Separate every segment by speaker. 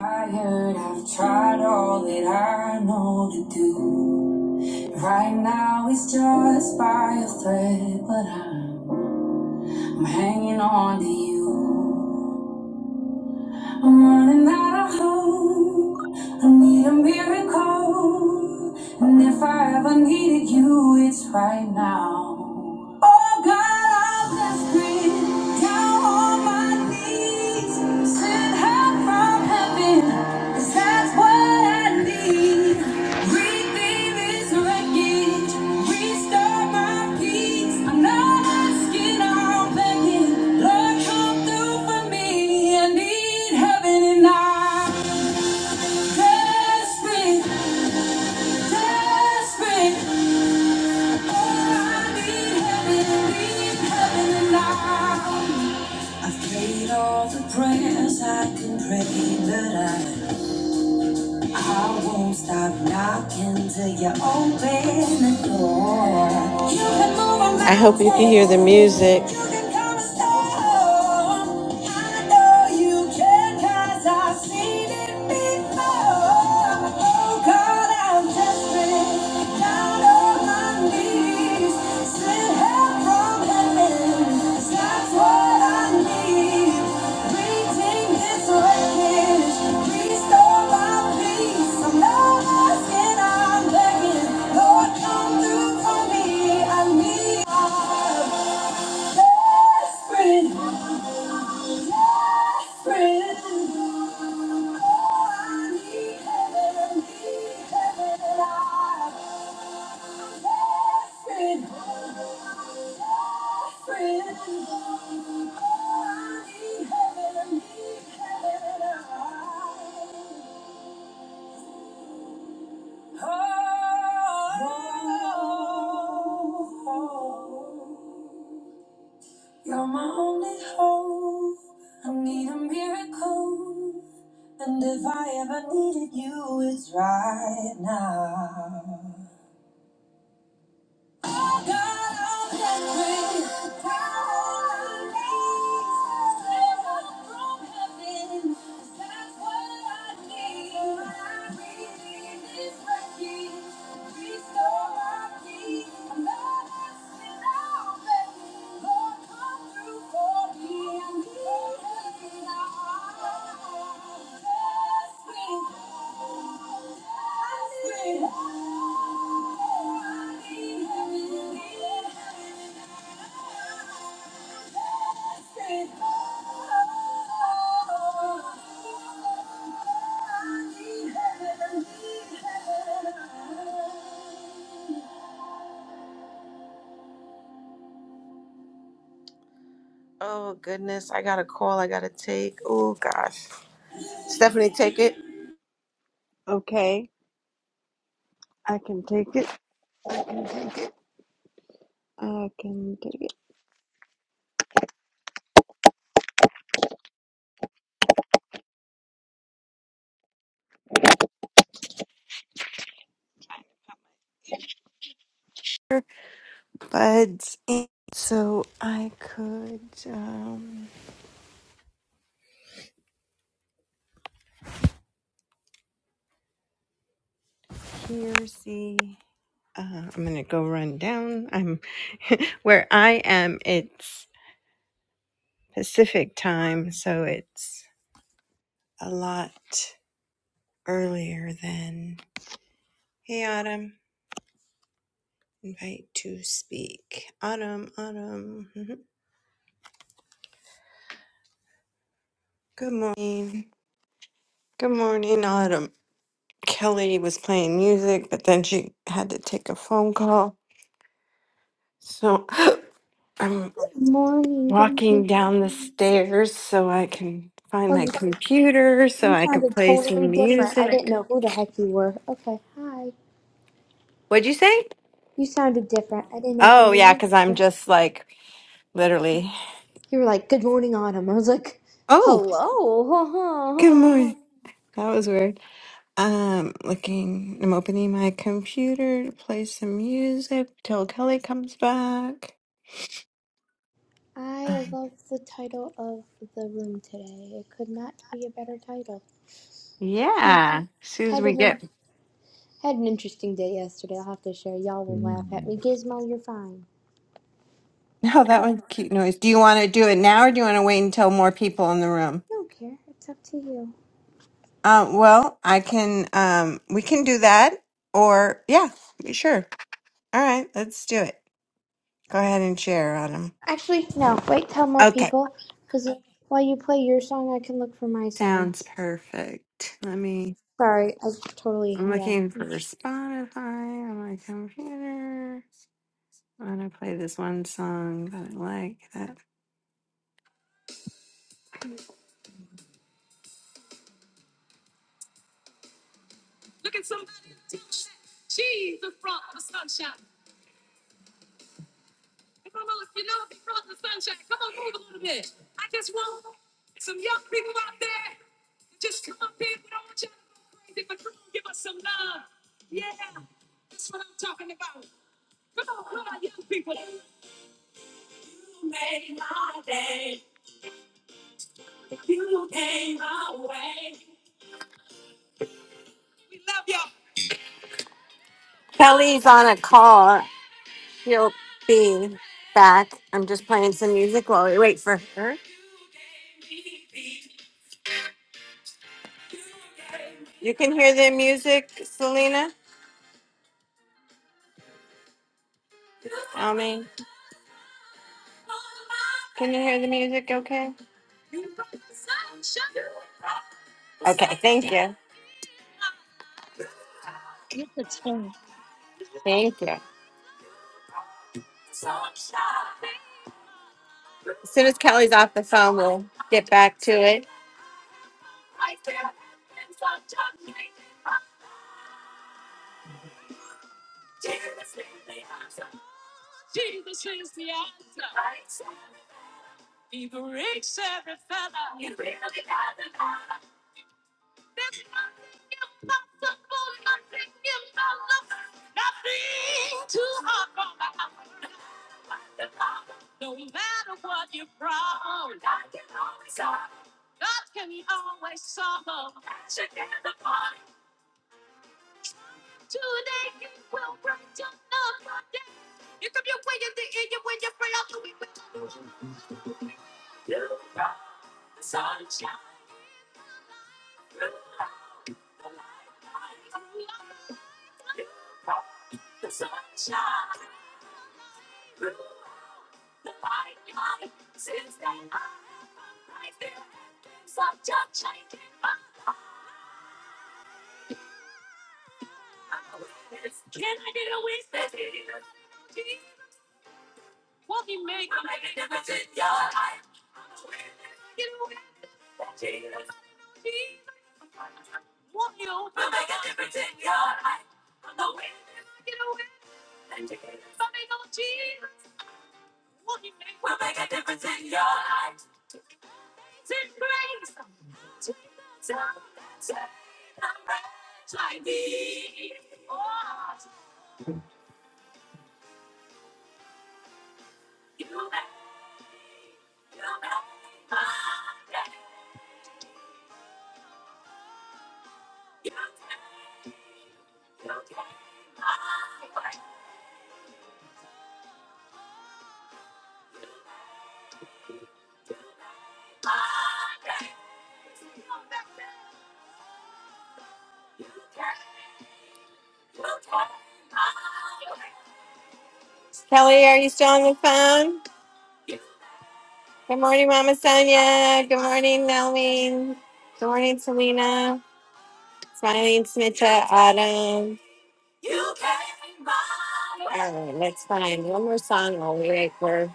Speaker 1: Tired, I've tried all that I know to do. Right now it's just by a thread, but I'm, I'm hanging on to you. I'm running out of hope. I need a miracle. And if I ever needed you, it's right now. Oh God, I'm desperate. Down on my knees. Send help from heaven, 'cause that's what I need. Redeem this wreckage. Restore my peace. I'm not asking, I'm begging. Lord, come through for me. I need heaven and I. Test me, Oh, I need heaven, need heaven now. I've prayed all the prayers I can pray, but I I won't stop knocking till you open the door. You hope you can hear the music. mountain, Oh Desperate, desperate. You're my only hope. I need a miracle. And if I ever needed you, it's right now. Restore my peace, Thank you. Oh goodness, I got a call I gotta take. Oh gosh. Stephanie, take it.
Speaker 2: Okay, I can take it. I can take it. Buds. in. So I could um, here see. Uh, I'm gonna go run down. I'm where I am. It's Pacific time, so it's a lot earlier than. Hey, Autumn. Invite to speak. Autumn. Autumn. Good morning. Good morning, Autumn. Kelly was playing music, but then she had to take a phone call. So I'm
Speaker 3: Good morning. Good
Speaker 2: walking
Speaker 3: morning.
Speaker 2: down the stairs so I can find
Speaker 3: Oh,
Speaker 2: my
Speaker 3: you
Speaker 2: computer so
Speaker 3: you
Speaker 2: I can
Speaker 3: sounded
Speaker 2: play
Speaker 3: totally
Speaker 2: some
Speaker 3: different. I didn't
Speaker 2: music.
Speaker 3: know who the heck you were. Okay, hi.
Speaker 2: What'd you say?
Speaker 3: You sounded different. I didn't know who
Speaker 2: Oh,
Speaker 3: you
Speaker 2: yeah,
Speaker 3: were. at
Speaker 2: because I'm
Speaker 3: first.
Speaker 2: just like literally.
Speaker 3: You were like, "Good morning, Autumn." I was like,
Speaker 2: Oh, good
Speaker 3: "Hello."
Speaker 2: morning. That was weird. Um, looking, I'm opening my computer to play some music till Kelly comes back.
Speaker 3: I
Speaker 2: Um,
Speaker 3: love the title of the room today. It could not be a better title. Hmm.
Speaker 2: Yeah, as soon as
Speaker 3: Had
Speaker 2: we get
Speaker 3: an had an interesting day yesterday. I'll have to share. Y'all will laugh at me. Gizmo, you're fine.
Speaker 2: No, that was a cute noise. Do you want to do it now or do you want to wait until more people in the room?
Speaker 3: I don't care. It's up to you.
Speaker 2: Uh, well, I can, um, we can do that or yeah, sure. All right, let's do it. Go ahead and share, Autumn.
Speaker 3: Actually, no. Wait, tell more
Speaker 2: Okay.
Speaker 3: people, because while you play your song, I can look for my song.
Speaker 2: Sounds perfect. Let me,
Speaker 3: Sorry, I totally
Speaker 2: I'm
Speaker 3: yeah.
Speaker 2: looking for Spotify on my computer. I want to play this one song that I like. That Uh, she'll be back. I'm just playing some music while we wait for her. You can hear the music, Selena? I mean, can you hear the music okay? Thank you.
Speaker 4: You should sing.
Speaker 2: Thank you. As soon as Kelly's off the phone, we'll get back to it. Kelly, are you still on the phone? Good morning, Mama Sonia. Good morning, Nelmeen. Good morning, Selena. Smiling, Smita, Autumn. All right, let's find one more song while we wait for.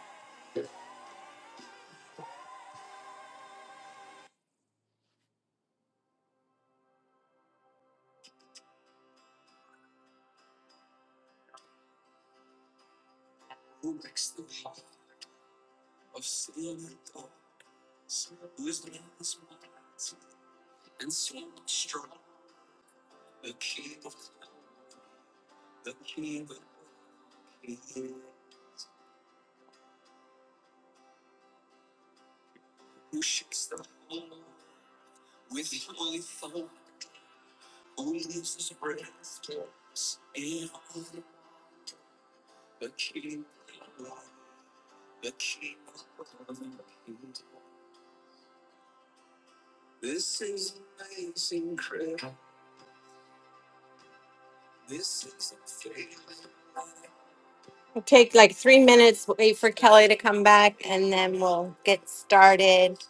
Speaker 2: It'll take like three minutes, wait for Kelly to come back, and then we'll get started.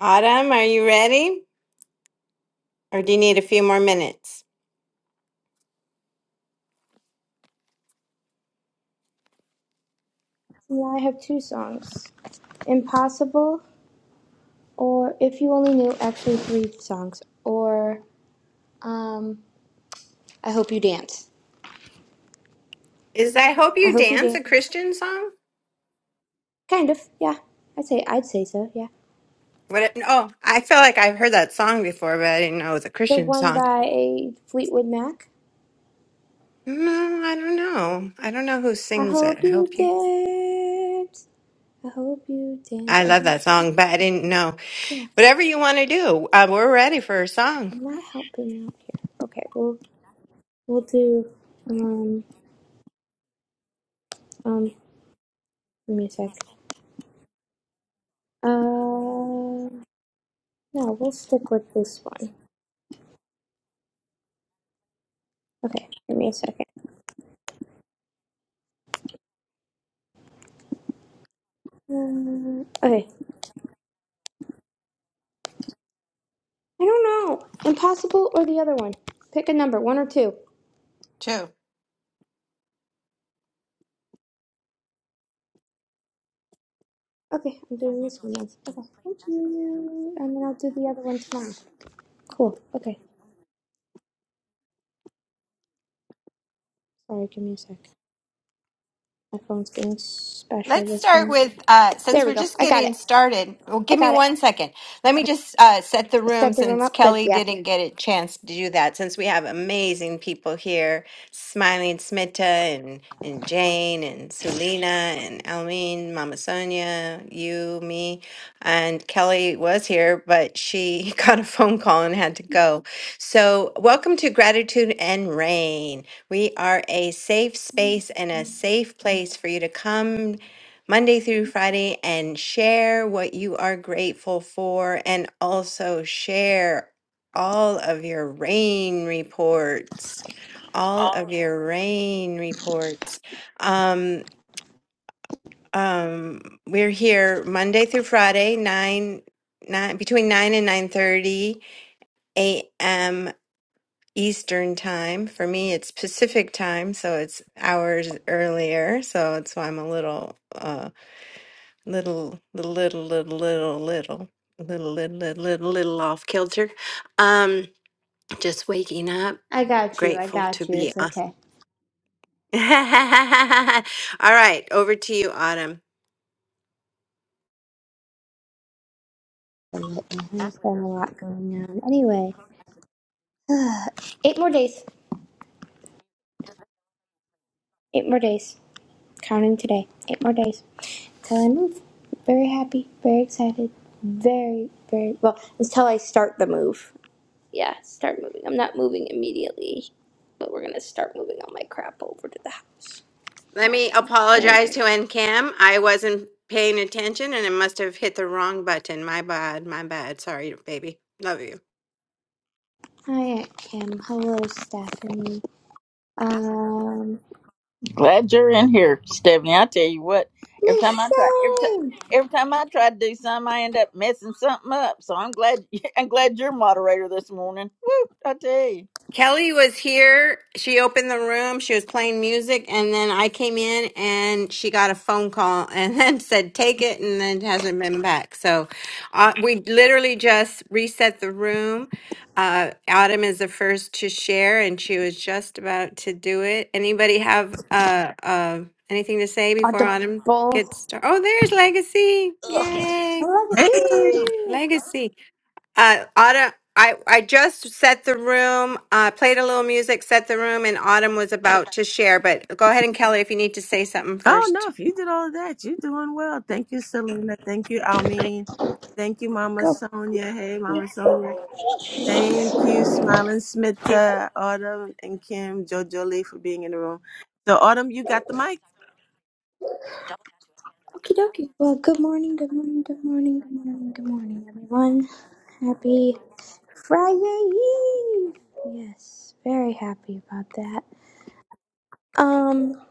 Speaker 2: Autumn, are you ready? Or do you need a few more minutes?
Speaker 3: Yeah, I have two songs. Impossible, or if you only knew, actually three songs. Or um, I hope you dance.
Speaker 2: Is I Hope
Speaker 3: I
Speaker 2: You
Speaker 3: hope you
Speaker 2: Dance a
Speaker 3: dance.
Speaker 2: Christian song?
Speaker 3: Kind of, yeah. I'd say I'd say so, yeah.
Speaker 2: What? It, oh, I feel like I've heard that song before, but I didn't know it was a
Speaker 3: The
Speaker 2: Christian
Speaker 3: one
Speaker 2: song.
Speaker 3: by Fleetwood Mac.
Speaker 2: No, I don't know. I don't know who
Speaker 3: I
Speaker 2: sings it.
Speaker 3: hope
Speaker 2: I
Speaker 3: you
Speaker 2: hope you.
Speaker 3: dance. I hope you dance.
Speaker 2: I
Speaker 3: I
Speaker 2: love
Speaker 3: hope,
Speaker 2: that song, but I didn't know.
Speaker 3: yeah.
Speaker 2: Whatever you want to do, uh, we're ready for a song.
Speaker 3: I'm not helping out here. Okay, well We'll do um um give me a sec. Uh no, we'll stick with this one. Okay, give me a second. Um, okay. I don't know. Impossible or the other one. Pick a number, one or two. Okay, I'm doing this one then. Okay, thank you. And then I'll do the other one tomorrow. Cool. Okay. Sorry, give me a sec. My phone's being special
Speaker 2: Let's
Speaker 3: this
Speaker 2: start
Speaker 3: month.
Speaker 2: with uh, since
Speaker 3: There we
Speaker 2: we're
Speaker 3: go.
Speaker 2: just
Speaker 3: I got
Speaker 2: getting
Speaker 3: it.
Speaker 2: started. Well,
Speaker 3: I
Speaker 2: give me
Speaker 3: got it.
Speaker 2: one second. Let me
Speaker 3: Okay.
Speaker 2: just uh, set the room
Speaker 3: Set the room
Speaker 2: since
Speaker 3: up. Good.
Speaker 2: Kelly
Speaker 3: Yeah.
Speaker 2: didn't get a chance to do that. Since we have amazing people here, Smiling Smita and and Jane and Sulina and Almeen, Mama Sonia, you, me, and Kelly was here, but she got a phone call and had to go. So, welcome to Gratitude and Rain. We are a safe space and a safe place for you to come Monday through Friday and share what you are grateful for and also share all of your rain reports. All of your rain reports. Um, um, we're here Monday through Friday, nine, nine between nine and nine thirty a.m. Eastern time. For me, it's Pacific time, so it's hours earlier. So that's why I'm a little uh, little little little little little little little little little little little off kilter um just waking up
Speaker 3: I got you. I
Speaker 2: grateful to
Speaker 3: got you.
Speaker 2: be
Speaker 3: It's
Speaker 2: on
Speaker 3: okay.
Speaker 2: all right over to you autumn
Speaker 3: There's been a lot going on. Anyway, eight more days. Eight more days. Counting today. Eight more days till I move. Very happy. Very excited. Very, very well until I start the move. Yeah, start moving. I'm not moving immediately, but we're gonna start moving all my crap over to the house.
Speaker 2: let me
Speaker 3: So very
Speaker 2: apologize
Speaker 3: great.
Speaker 2: to ncam i wasn't paying attention and it must have hit the wrong button my bad my bad sorry baby love you
Speaker 3: Hi, Aunt Kim. Hello, Stephanie. Um,
Speaker 5: Glad you're in here, Stephanie. I tell you what, every
Speaker 3: Miss
Speaker 5: time I try, every time,
Speaker 3: Jane.
Speaker 5: every time I try to do something, I end up messing something up. So I'm glad, I'm glad you're moderator this morning. Woo! I tell you,
Speaker 2: Kelly was here. She opened the room. She was playing music, and then I came in and she got a phone call and then said, "Take it," and then hasn't been back. So, uh, we literally just reset the room. Uh, Autumn is the first to share, and she was just about to do it. Anybody have uh, uh, anything to say before Autumn
Speaker 3: Audible
Speaker 2: gets started? Oh, there's Legacy! Yay,
Speaker 1: Hey.
Speaker 3: legacy.
Speaker 2: Legacy! Uh, Autumn, I, I just set the room, uh, played a little music, set the room, and Autumn was about to share. But go ahead and Kelly, if you need to say something
Speaker 1: Oh no,
Speaker 2: first.
Speaker 1: if you did all of that, you're doing well. Thank you, Selena. Thank you, Almeen. Thank you, Mama
Speaker 3: Go.
Speaker 1: Sonia. Hey, Mama Sonia. Thank you, Smiling Smitta, Autumn, and Kim, Jojo Lee for being in the room. So, Autumn, you got the mic.
Speaker 3: Okie dokie. Well, good morning, good morning, good morning, good morning, good morning, everyone. Happy Friday Eve! Yes, very happy about that. Um,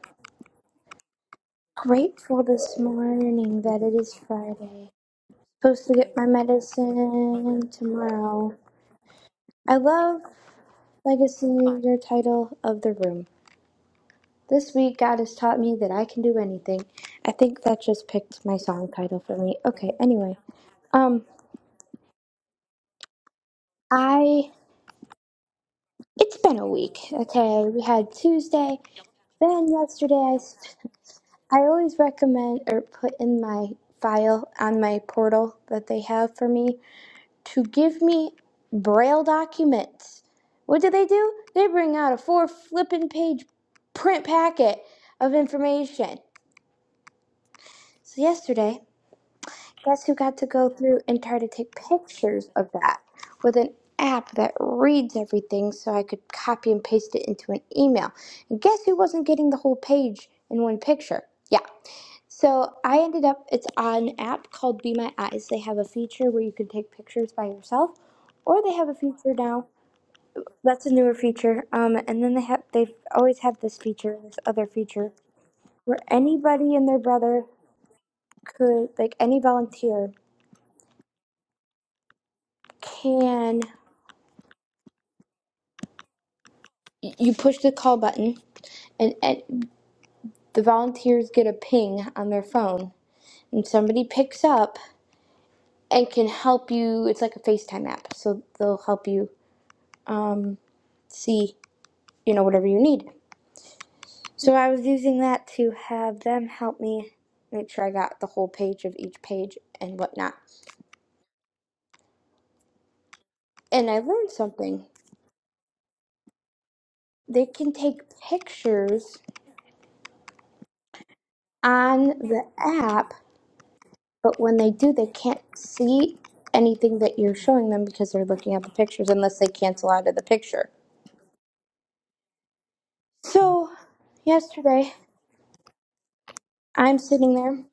Speaker 3: grateful this morning that it is Friday. Supposed to get my medicine tomorrow. I love Legacy, your title of the room. This week, God has taught me that I can do anything. I think that just picked my song title for me. Okay, anyway. Um, I It's been a week. Okay, we had Tuesday, then yesterday. I s- I always recommend or put in my file on my portal that they have for me to give me braille documents. What do they do? They bring out a four flippin' page print packet of information. So yesterday. Guess who got to go through and try to take pictures of that with an app that reads everything so I could copy and paste it into an email? And guess who wasn't getting the whole page in one picture? Yeah. So I ended up, it's on an app called Be My Eyes. They have a feature where you can take pictures by yourself, or they have a feature now. That's a newer feature. Um, and then they have, they've always had this feature, this other feature, where anybody and their brother could, like any volunteer, can y- you push the call button and, and the volunteers get a ping on their phone and somebody picks up and can help you it's like a facetime app so they'll help you um, see you know whatever you need so i was using that to have them help me make sure i got the whole page of each page and whatnot and i learned something they can take pictures on the app But when they do, they can't see anything that you're showing them because they're looking at the pictures unless they cancel out of the picture. So, yesterday, I'm sitting there.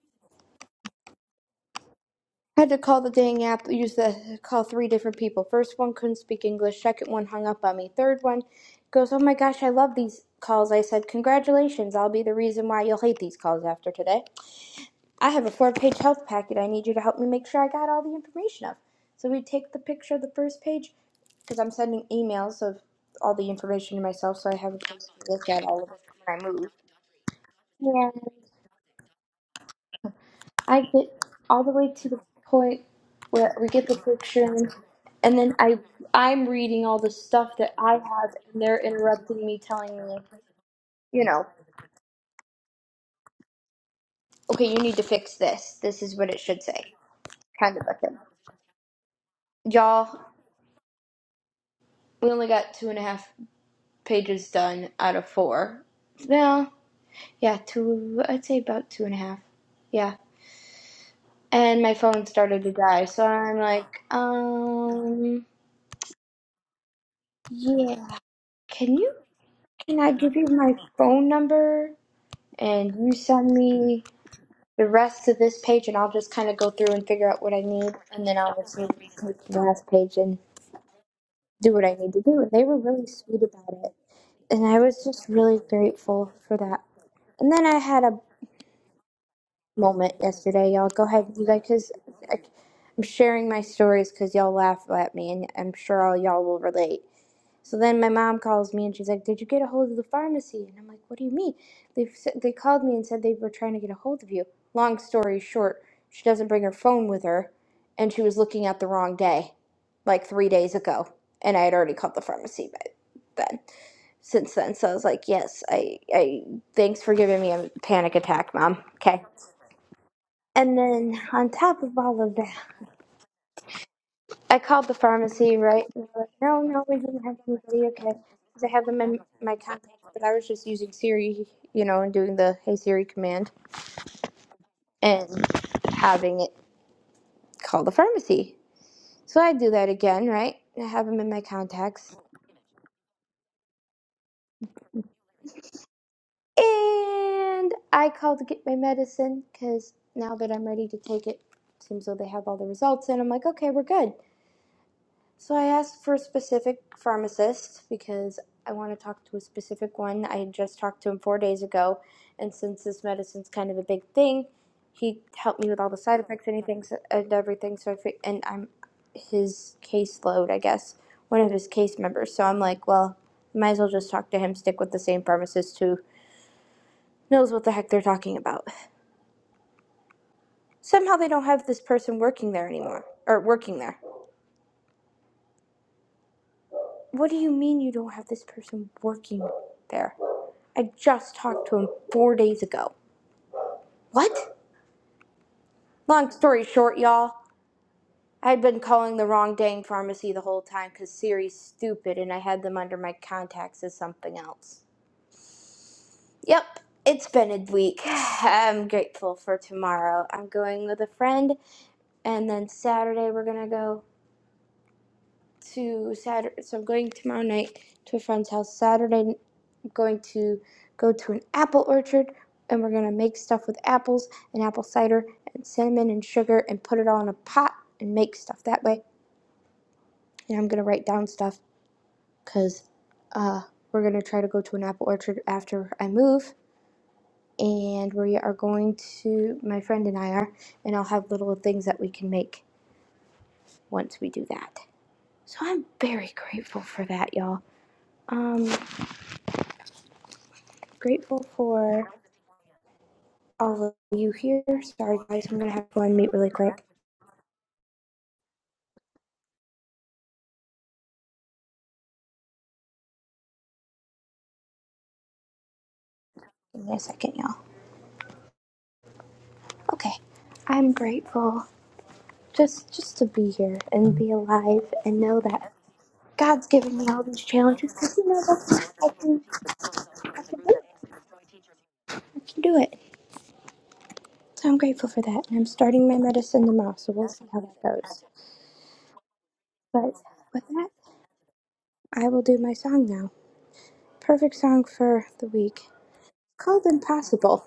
Speaker 3: had to call the dang app, use the call three different people. First one couldn't speak English, second one hung up on me, third one goes, Oh my gosh, I love these calls. I said, Congratulations, I'll be the reason why you'll hate these calls after today. I have a four page health packet I need you to help me make sure I got all the information of. So we take the picture of the first page because I'm sending emails of all the information to myself so I have a place to look at all of it when I move. Yeah. I get all the way to the point where we get the picture and then, and then I I'm reading all the stuff that I have and they're interrupting me telling me, you know, okay, you need to fix this. This is what it should say. Kind of a thing. Y'all, we only got two and a half pages done out of four. Well, yeah, two, I'd say about two and a half. Yeah. And my phone started to die, so I'm like, um, yeah. Can you, can I give you my phone number? And you send me the rest of this page, and I'll just kind of go through and figure out what I need, and then I'll just take the last page and do what I need to do. And they were really sweet about it. And I was just really grateful for that. And then I had a moment yesterday, y'all. Go ahead, you guys, because I'm sharing my stories because y'all laugh at me, and I'm sure all y'all will relate. So then my mom calls me and she's like, "Did you get a hold of the pharmacy?" And I'm like, "What do you mean?" They they called me and said they were trying to get a hold of you. Long story short, she doesn't bring her phone with her, and she was looking at the wrong day, like three days ago, and I had already called the pharmacy by then. Since then, so I was like, "Yes, I I thanks for giving me a panic attack, mom." Okay. And then on top of all of that, I called the pharmacy, right? And they're like, no, no, we didn't have anybody. Okay. Because I have them in my contacts, but I was just using Siri, you know, and doing the Hey Siri command and having it call the pharmacy. So I do that again, right? I have them in my contacts. And I called to get my medicine because now that I'm ready to take it, seems though they have all the results. And I'm like, okay, we're good. So I asked for a specific pharmacist because I want to talk to a specific one. I just talked to him four days ago, and since this medicine's kind of a big thing, he helped me with all the side effects, anything and everything. So I fi- and I'm his caseload, I guess, one of his case members. So I'm like, well, might as well just talk to him. Stick with the same pharmacist who knows what the heck they're talking about. Somehow they don't have this person working there anymore, or working there. What do you mean you don't have this person working there? I just talked to him four days ago. What? Long story short, y'all, I had been calling the wrong dang pharmacy the whole time 'cause Siri's stupid and I had them under my contacts as something else. Yep, it's been a week. I'm grateful for tomorrow. I'm going with a friend, and then Saturday we're gonna go. to Saturday. So I'm going tomorrow night to a friend's house. Saturday, i I'm going to go to an apple orchard, and we're gonna make stuff with apples and apple cider and cinnamon and sugar, and put it all in a pot and make stuff that way. And I'm gonna write down stuff because uh, we're gonna try to go to an apple orchard after I move. And we are going to, my friend and I are, and I'll have little things that we can make once we do that. So I'm very grateful for that, y'all. Um, grateful for all of you here. Sorry, guys, I'm gonna have to go and meet really quick. Give me a second, y'all. Okay, I'm grateful just just to be here and be alive and know that God's given me all these challenges because you know that's I can I can do it. I can do it. So I'm grateful for that, and I'm starting my medicine tomorrow, so we'll see how that goes. But with that, I will do my song now. Perfect song for the week. Called Impossible.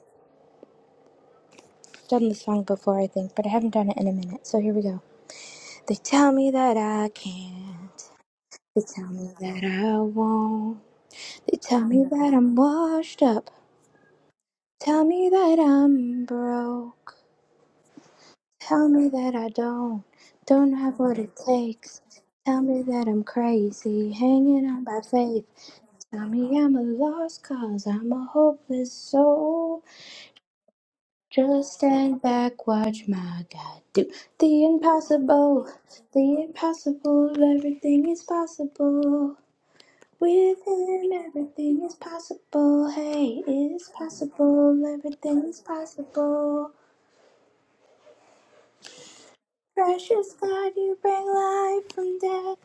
Speaker 3: I've done this song before, I think, but I haven't done it in a minute. So here we go. They tell me that I can't. They tell me that I won't. They tell me that I'm washed up. Tell me that I'm broke. Tell me that I don't. Don't have what it takes. Tell me that I'm crazy. Hanging on by faith. Tell me I'm a lost cause. I'm a hopeless soul. Just stand back, watch my God do the impossible. The impossible. Everything is possible. With him, everything is possible. Hey, it's possible. Everything is possible. Precious God, you bring life from death.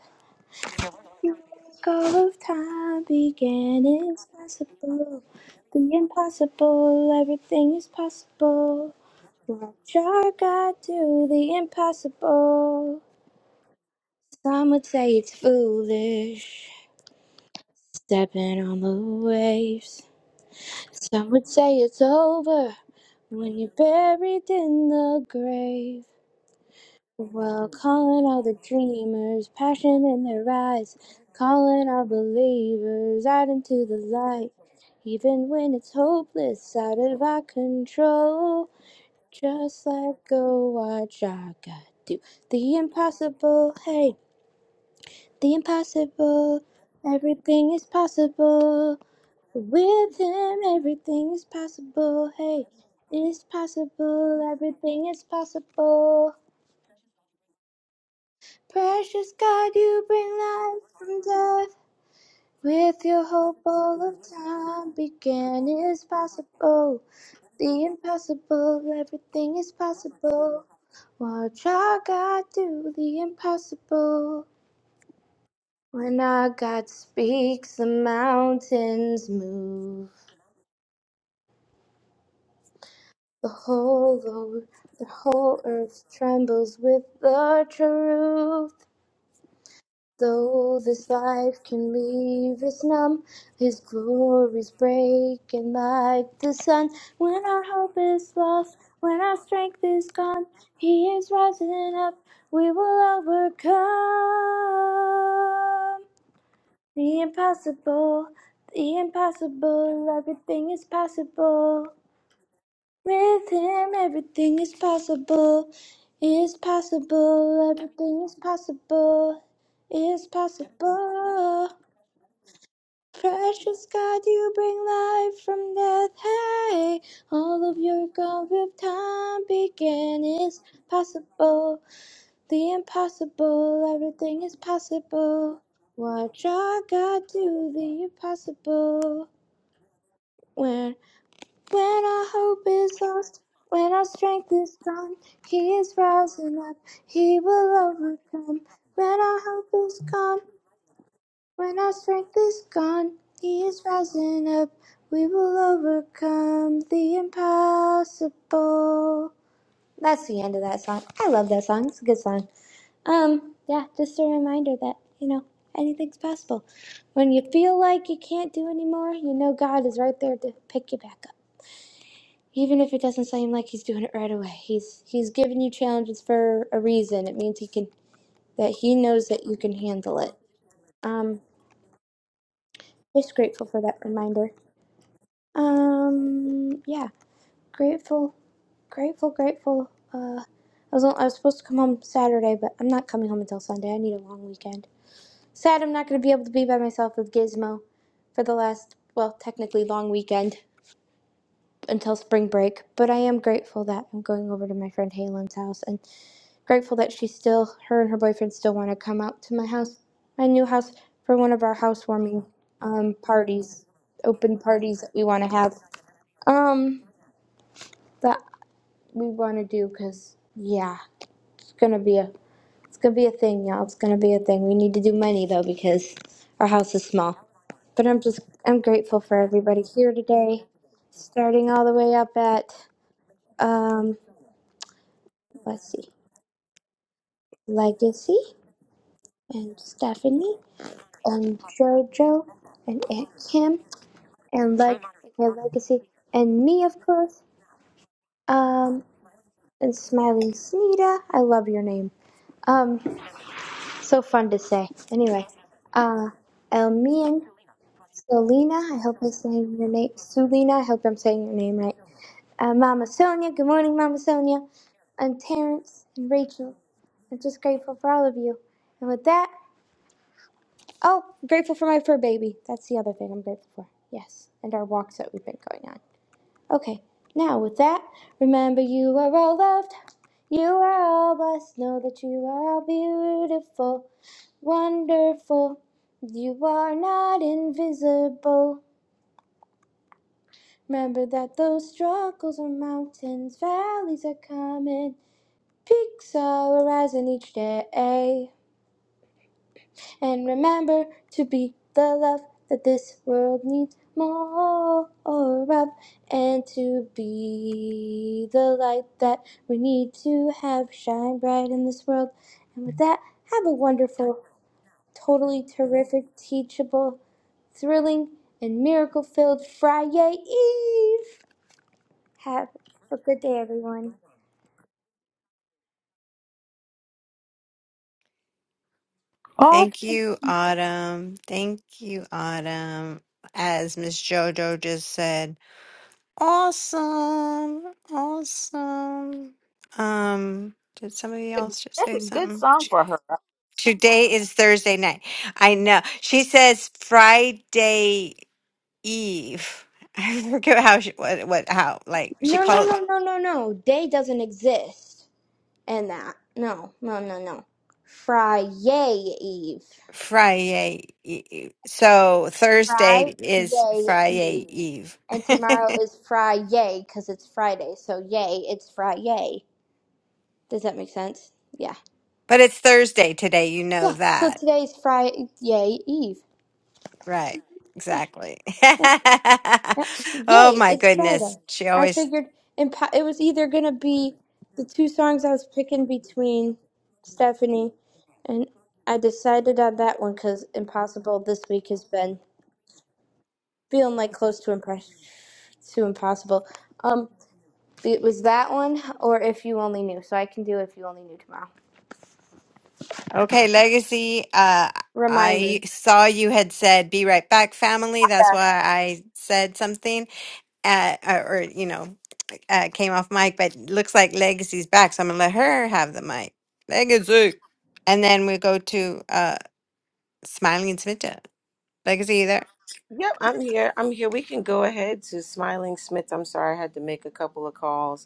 Speaker 3: You make all of time begin. It's possible. The impossible. Everything is possible. Watch our God do the impossible. Some would say it's foolish, stepping on the waves. Some would say it's over when you're buried in the grave. Well, calling all the dreamers, passion in their eyes, calling all believers out into the light. Even when it's hopeless, out of our control, just let go, watch our God do the impossible. Hey, the impossible, everything is possible. With him, everything is possible. Hey, it is possible, everything is possible. Precious God, you bring life from death. With your hope, all of time began. It is possible, the impossible, everything is possible. Watch our God do the impossible. When our God speaks, the mountains move. The whole earth, the whole earth trembles with the truth. Though this life can leave us numb, His glory's breaking like the sun. When our hope is lost, when our strength is gone, He is rising up. We will overcome. The impossible, the impossible, everything is possible. With him, everything is possible. Is possible, everything is possible. Is possible. Precious God, you bring life from death. Hey, all of your God with time began is possible. The impossible, everything is possible. Watch our God do the impossible. When, when our hope is lost, when our strength is gone, He is rising up, He will overcome. When our hope is gone, when our strength is gone, He is rising up, we will overcome the impossible. That's the end of that song. I love that song, it's a good song. Um, yeah, just a reminder that, you know, anything's possible. When you feel like you can't do anymore, you know God is right there to pick you back up. Even if it doesn't seem like he's doing it right away. He's he's giving you challenges for a reason. It means he can that he knows that you can handle it. Um, just grateful for that reminder. Um, yeah, grateful, grateful, grateful. Uh, I was I was supposed to come home Saturday, but I'm not coming home until Sunday. I need a long weekend. Sad I'm not going to be able to be by myself with Gizmo for the last, well, technically long weekend until spring break, but I am grateful that I'm going over to my friend Halen's house and grateful that she still, her and her boyfriend still want to come out to my house, my new house, for one of our housewarming um, parties, open parties that we want to have. Um, that we want to do because, yeah, it's going to be a It's gonna be a thing, y'all. It's gonna be a thing. We need to do money though because our house is small. But I'm just I'm grateful for everybody here today. Starting all the way up at um let's see, Legacy and Stephanie and Jojo and Aunt Kim and Leg and Legacy and me of course. Um and Smiling Snida. I love your name. Um so fun to say. Anyway, uh Elmian So I hope I'm saying your name. Sulina, I hope I'm saying your name right. Uh, Mama Sonia, good morning, Mama Sonia. And Terrence and Rachel. I'm just grateful for all of you. And with that, oh, I'm grateful for my fur baby. That's the other thing I'm grateful for. Yes, and our walks that we've been going on. Okay, now with that, remember you are all loved. You are all blessed. Know that you are all beautiful, wonderful. You are not invisible. Remember that those struggles are mountains, valleys are coming, peaks are arising each day. And remember to be the love that this world needs more of, and to be the light that we need to have shine bright in this world. And with that, have a wonderful, totally terrific, teachable, thrilling, and miracle filled Friday Eve! Have a good day, everyone.
Speaker 5: Oh,
Speaker 2: Thank you, Autumn. Thank you, Autumn. As Miss JoJo just said, awesome, awesome. Um, did somebody
Speaker 5: that's a
Speaker 2: else just
Speaker 5: that's
Speaker 2: say
Speaker 5: a good
Speaker 2: something?
Speaker 5: song
Speaker 2: T-
Speaker 5: for her.
Speaker 2: Today is Thursday night. I know. She says Friday. Eve. I forget how she what what how like she
Speaker 3: No, no,
Speaker 2: called
Speaker 3: no, no, no, no. Day doesn't exist in that. No, no, no, no. Fry yay Eve.
Speaker 2: Friday. E- E- So Thursday
Speaker 3: Fry
Speaker 2: is
Speaker 3: yay
Speaker 2: Friday
Speaker 3: Eve.
Speaker 2: Eve,
Speaker 3: And tomorrow is Fry yay because it's Friday. So yay, it's Fry yay. Does that make sense? Yeah.
Speaker 2: but it's Thursday today. You know
Speaker 3: Yeah. So
Speaker 2: that,
Speaker 3: today is Fry yay Eve.
Speaker 2: right?
Speaker 3: Yeah.
Speaker 2: Exactly.
Speaker 3: Yeah,
Speaker 2: oh
Speaker 3: Yay,
Speaker 2: my
Speaker 3: it's Friday.
Speaker 2: goodness, she
Speaker 3: I
Speaker 2: always.
Speaker 3: figured impo- it was either going to be the two songs I was picking between Stephanie, and I decided on that one because Impossible this week has been feeling like close to, impress- to impossible. Um, It was that one or If You Only Knew. So I can do If You Only Knew tomorrow.
Speaker 2: Okay, Legacy. Uh,
Speaker 3: Remind me.
Speaker 2: I saw you had said be right back, family. That's why I said something uh, uh, or you know, uh, came off mic, but looks like Legacy's back, so I'm gonna let her have the mic. Legacy, and then we go to uh, Smiling and Smita. Legacy, you there?
Speaker 1: Yep, I'm here. I'm here. We can go ahead to Smiling Smith. I'm sorry I had to make a couple of calls.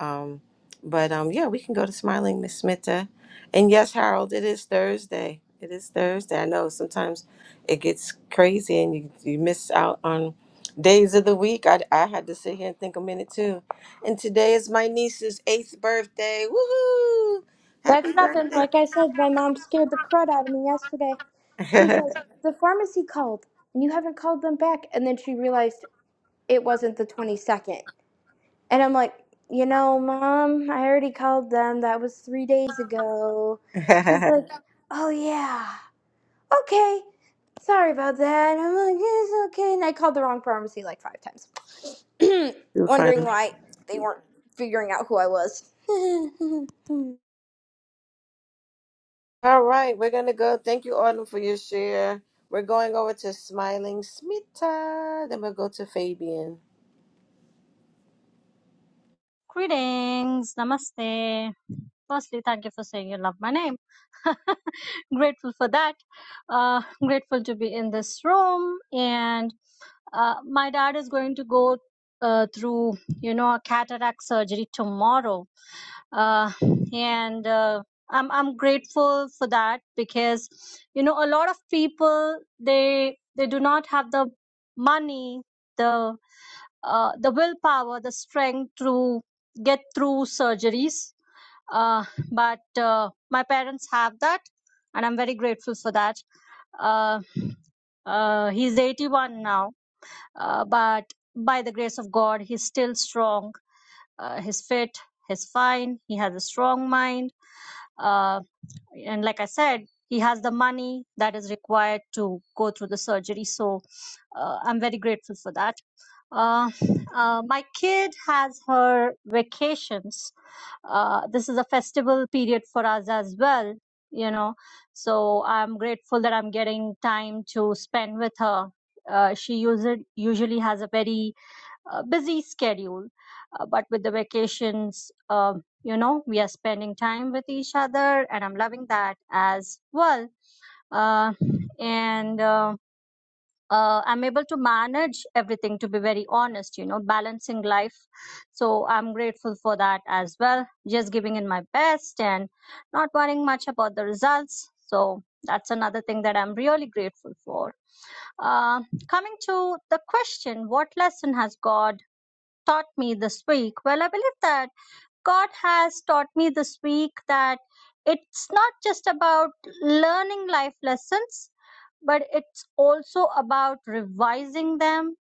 Speaker 1: Um, but um, yeah, we can go to Smiling Miss Smita. And yes, Harold, it is Thursday. It is Thursday. I know sometimes it gets crazy and you, you miss out on days of the week. I, I had to sit here and think a minute too. And today is my niece's eighth birthday. Woohoo! Happy
Speaker 3: That's nothing.
Speaker 1: birthday.
Speaker 3: Like I said, my mom scared the crud out of me yesterday. She's like, the pharmacy called and you haven't called them back. And then she realized it wasn't the 22nd. And I'm like, you know, mom, I already called them. That was three days ago. She's like, oh, yeah. Okay. Sorry about that. I'm like, it's okay. And I called the wrong pharmacy like five times,
Speaker 1: Too
Speaker 3: wondering
Speaker 1: funny.
Speaker 3: why they weren't figuring out who I was.
Speaker 1: All right, we're gonna go. Thank you, Autumn, for your share. We're going over to Smiling Smita. Then we'll go to Fabian.
Speaker 4: Greetings, namaste. Firstly, thank you for saying you love my name. Grateful for that. Uh, grateful to be in this room. And uh, my dad is going to go uh, through, you know, a cataract surgery tomorrow. Uh, and uh, I'm I'm grateful for that because, you know, a lot of people they they do not have the money, the uh, the willpower, the strength to get through surgeries. Uh, but uh, my parents have that, and I'm very grateful for that. Uh, uh, he's 81 now, uh, but by the grace of God, he's still strong. Uh, he's fit, he's fine, he has a strong mind. Um and like i said he has the money that is required to go through the surgery so uh, i'm very grateful for that uh, uh, my kid has her vacations uh, this is a festival period for us as well you know so i'm grateful that i'm getting time to spend with her uh, she usually usually has a very uh, busy schedule. Uh, but with the vacations, um, you know, we are spending time with each other, and I'm loving that as well. Uh, and uh, uh, I'm able to manage everything, to be very honest, you know, balancing life. So I'm grateful for that as well. Just giving in my best and not worrying much about the results. So that's another thing that I'm really grateful for. Uh, coming to the question, what lesson has God? taught me this week? Well, I believe that God has taught me this week that it's not just about learning life lessons, but it's also about revising them,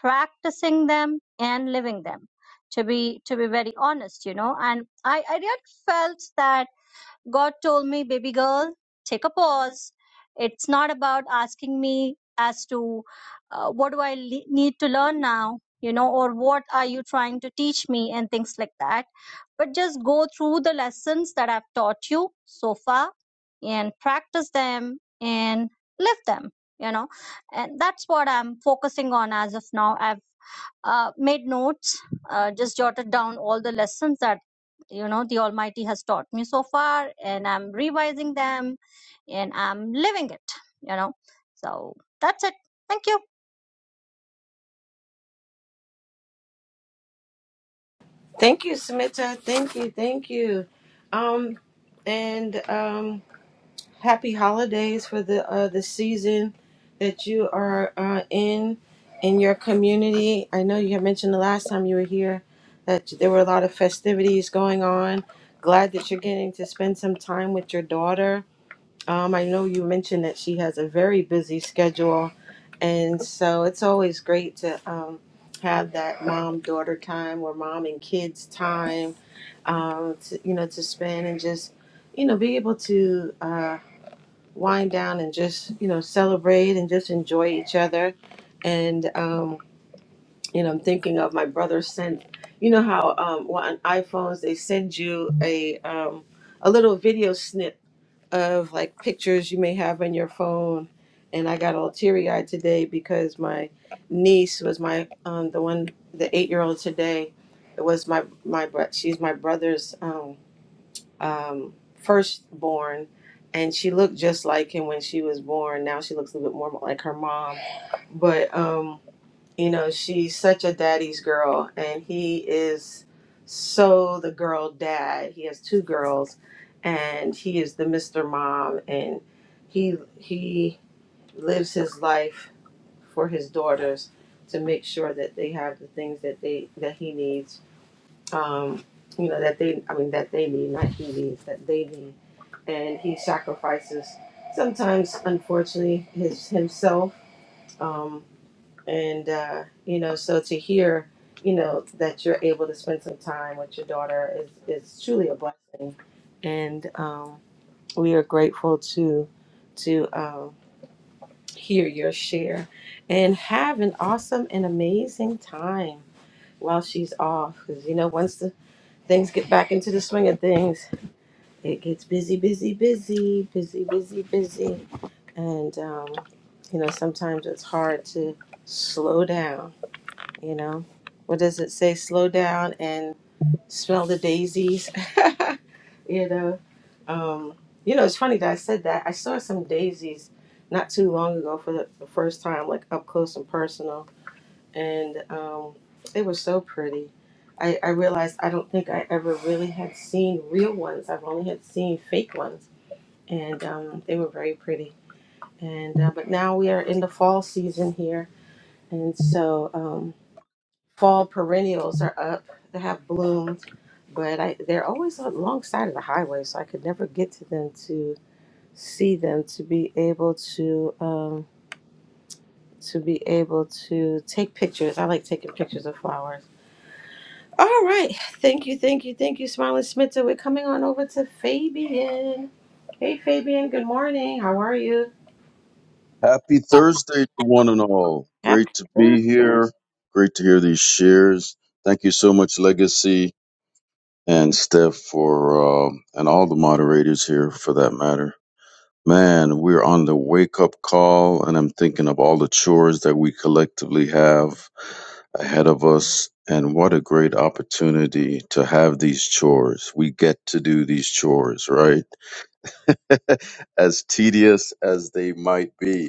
Speaker 4: practicing them, and living them. To be to be very honest, you know, and I I really felt that. God told me, baby girl, take a pause. It's not about asking me as to uh, what do I le- need to learn now, you know, or what are you trying to teach me and things like that. But just go through the lessons that I've taught you so far and practice them and live them, you know. And that's what I'm focusing on as of now. I've uh, made notes, uh, just jotted down all the lessons that you know the Almighty has taught me so far, and I'm revising them, and I'm living it. You know, so that's it. Thank you.
Speaker 1: Thank you, Smita. Thank you, thank you. Um, and um, happy holidays for the uh, the season that you are uh, in in your community. I know you had mentioned the last time you were here that there were a lot of festivities going on. Glad that you're getting to spend some time with your daughter um, I know you mentioned that she has a very busy schedule, and so it's always great to um, have that mom daughter time or mom and kids time, um, to, you know, to spend and just, you know, be able to uh, wind down and just, you know, celebrate and just enjoy each other. And, um, you know, I'm thinking of my brother sent, you know, how um, on iPhones they send you a, um, a little video snip of like pictures you may have on your phone. And I got all teary eyed today because my niece was my um, the one the eight year old today. It was my my bro- she's my brother's um, um, firstborn, and she looked just like him when she was born. Now she looks a little bit more like her mom, but. Um, you know, she's such a daddy's girl, and he is so the girl dad. He has two girls, and he is the Mr. Mom, and he he lives his life for his daughters to make sure that they have the things that they that he needs. Um, you know that they, I mean, that they need, not he needs, that they need, and he sacrifices sometimes, unfortunately, his himself. Um, and uh, you know so to hear you know that you're able to spend some time with your daughter is, is truly a blessing and um, we are grateful to to um, hear your share and have an awesome and amazing time while she's off because you know once the things get back into the swing of things it gets busy busy busy busy busy busy and um, you know sometimes it's hard to slow down you know, what does it say? Slow down and smell the daisies. you know, um, you know, it's funny that I said that. I saw some daisies not too long ago for the, the first time, like up close and personal, and um, they were so pretty. I, I realized I don't think I ever really had seen real ones. I've only had seen fake ones, and um, they were very pretty. And uh, but now we are in the fall season here, and so. Um, fall perennials are up. They have bloomed, but I, they're always alongside of the highway, so I could never get to them to see them to be able to um, to be able to take pictures. I like taking pictures of flowers. All right, thank you, thank you, thank you, Smiling Smitta. We're coming on over to Fabian. Hey, Fabian. Good morning. How are you?
Speaker 6: Happy Thursday to one and all. Great
Speaker 1: Happy.
Speaker 6: to be here. Great to hear these shares. Thank you so much, Legacy and Steph, for um and all the moderators here for that matter. Man, we're on the wake up call, and I'm thinking of all the chores that we collectively have ahead of us. And what a great opportunity to have these chores. We get to do these chores, right? as tedious as they might be.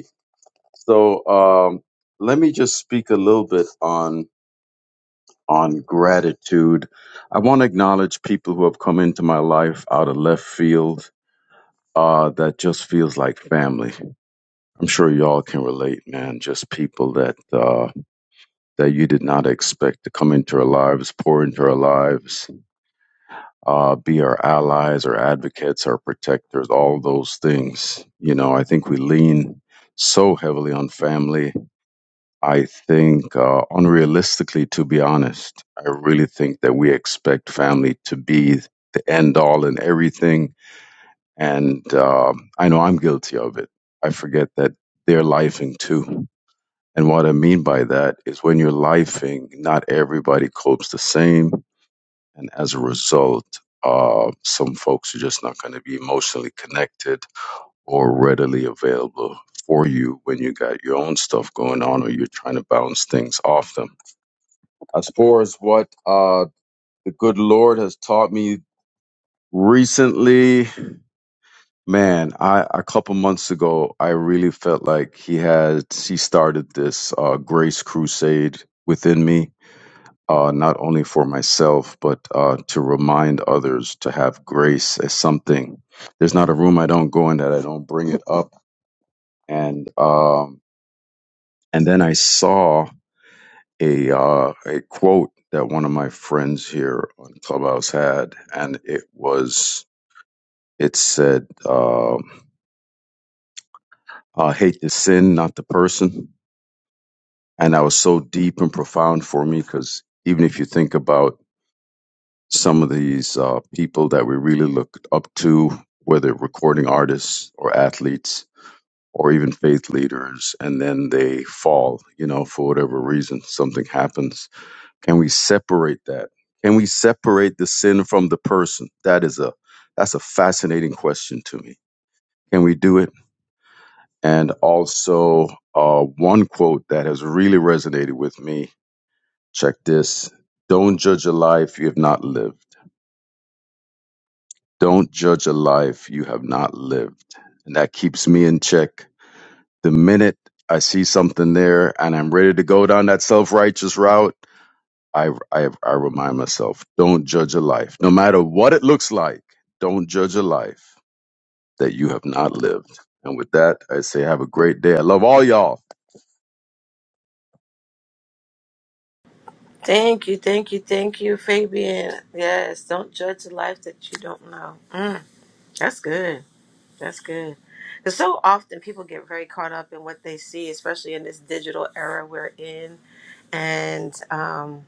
Speaker 6: So um, let me just speak a little bit on on gratitude. I want to acknowledge people who have come into my life out of left field. Uh, that just feels like family. I'm sure y'all can relate, man. Just people that uh, that you did not expect to come into our lives, pour into our lives, uh, be our allies, our advocates, our protectors, all those things. You know, I think we lean so heavily on family I think, uh, unrealistically, to be honest, I really think that we expect family to be the end all and everything. And um, I know I'm guilty of it. I forget that they're lifing too. And what I mean by that is when you're lifing, not everybody copes the same. And as a result, uh, some folks are just not going to be emotionally connected or readily available for you when you got your own stuff going on or you're trying to bounce things off them as far as what uh, the good Lord has taught me recently, man, I a couple months ago, I really felt like He had He started this uh, grace crusade within me. Uh, not only for myself, but uh, to remind others to have grace as something. There's not a room I don't go in that I don't bring it up. And um, and then I saw a uh, a quote that one of my friends here on Clubhouse had, and it was it said, um, "I hate the sin, not the person," and that was so deep and profound for me because even if you think about some of these uh, people that we really look up to, whether recording artists or athletes or even faith leaders, and then they fall, you know, for whatever reason, something happens Can we separate that? Can we separate the sin from the person? That is a that's a fascinating question to me. Can we do it? And also, uh, one quote that has really resonated with me. Check this: Don't judge a life you have not lived. Don't judge a life you have not lived, and that keeps me in check. The minute I see something there and I'm ready to go down that self righteous route I, I, I remind myself, don't judge a life. No matter what it looks like, don't judge a life that you have not lived. And with that, I say, have a great day. I love all y'all.
Speaker 1: Thank you, thank you, thank you, Fabian. Yes, don't judge a life that you don't know. Mm, that's good. That's good. Because so often people get very caught up in what they see, especially in this digital era we're in. And, um,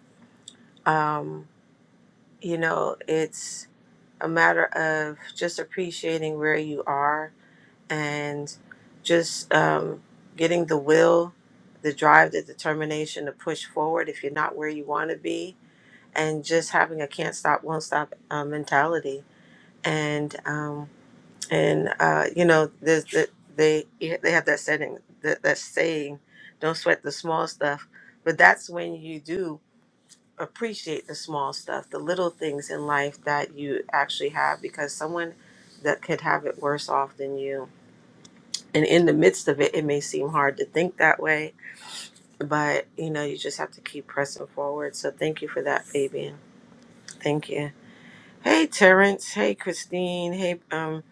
Speaker 1: um, you know, it's a matter of just appreciating where you are and just um, getting the will, the drive, the determination to push forward if you're not where you want to be. And just having a can't stop, won't stop uh, mentality. And, um, and uh, you know, there's the, they yeah, they have that setting that that saying, "Don't sweat the small stuff," but that's when you do appreciate the small stuff, the little things in life that you actually have, because someone that could have it worse off than you, and in the midst of it, it may seem hard to think that way, but you know, you just have to keep pressing forward. So thank you for that, Fabian. Thank you. Hey, Terrence. Hey, Christine. Hey, um,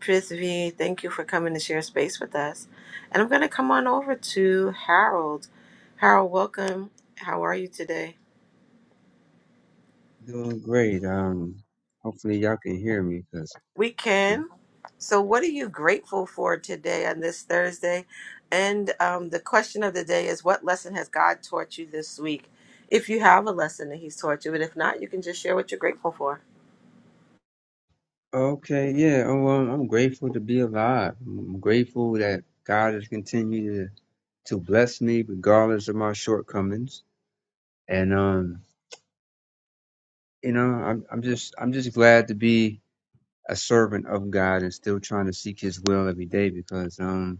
Speaker 1: Prithvi. Thank you for coming to share space with us. And I'm going to come on over to Harold. Harold, welcome. How are you today?
Speaker 7: Doing great. Um, hopefully y'all can hear me, cause
Speaker 1: We can. So, what are you grateful for today on this Thursday? And um, the question of the day is what lesson has God taught you this week? If you have a lesson that He's taught you, but if not, you can just share what you're grateful for.
Speaker 7: okay, yeah. Oh, um, I'm grateful to be alive. I'm grateful that God has continued to, to bless me regardless of my shortcomings. And um, you know, I'm I'm just I'm just glad to be a servant of God and still trying to seek His will every day because um,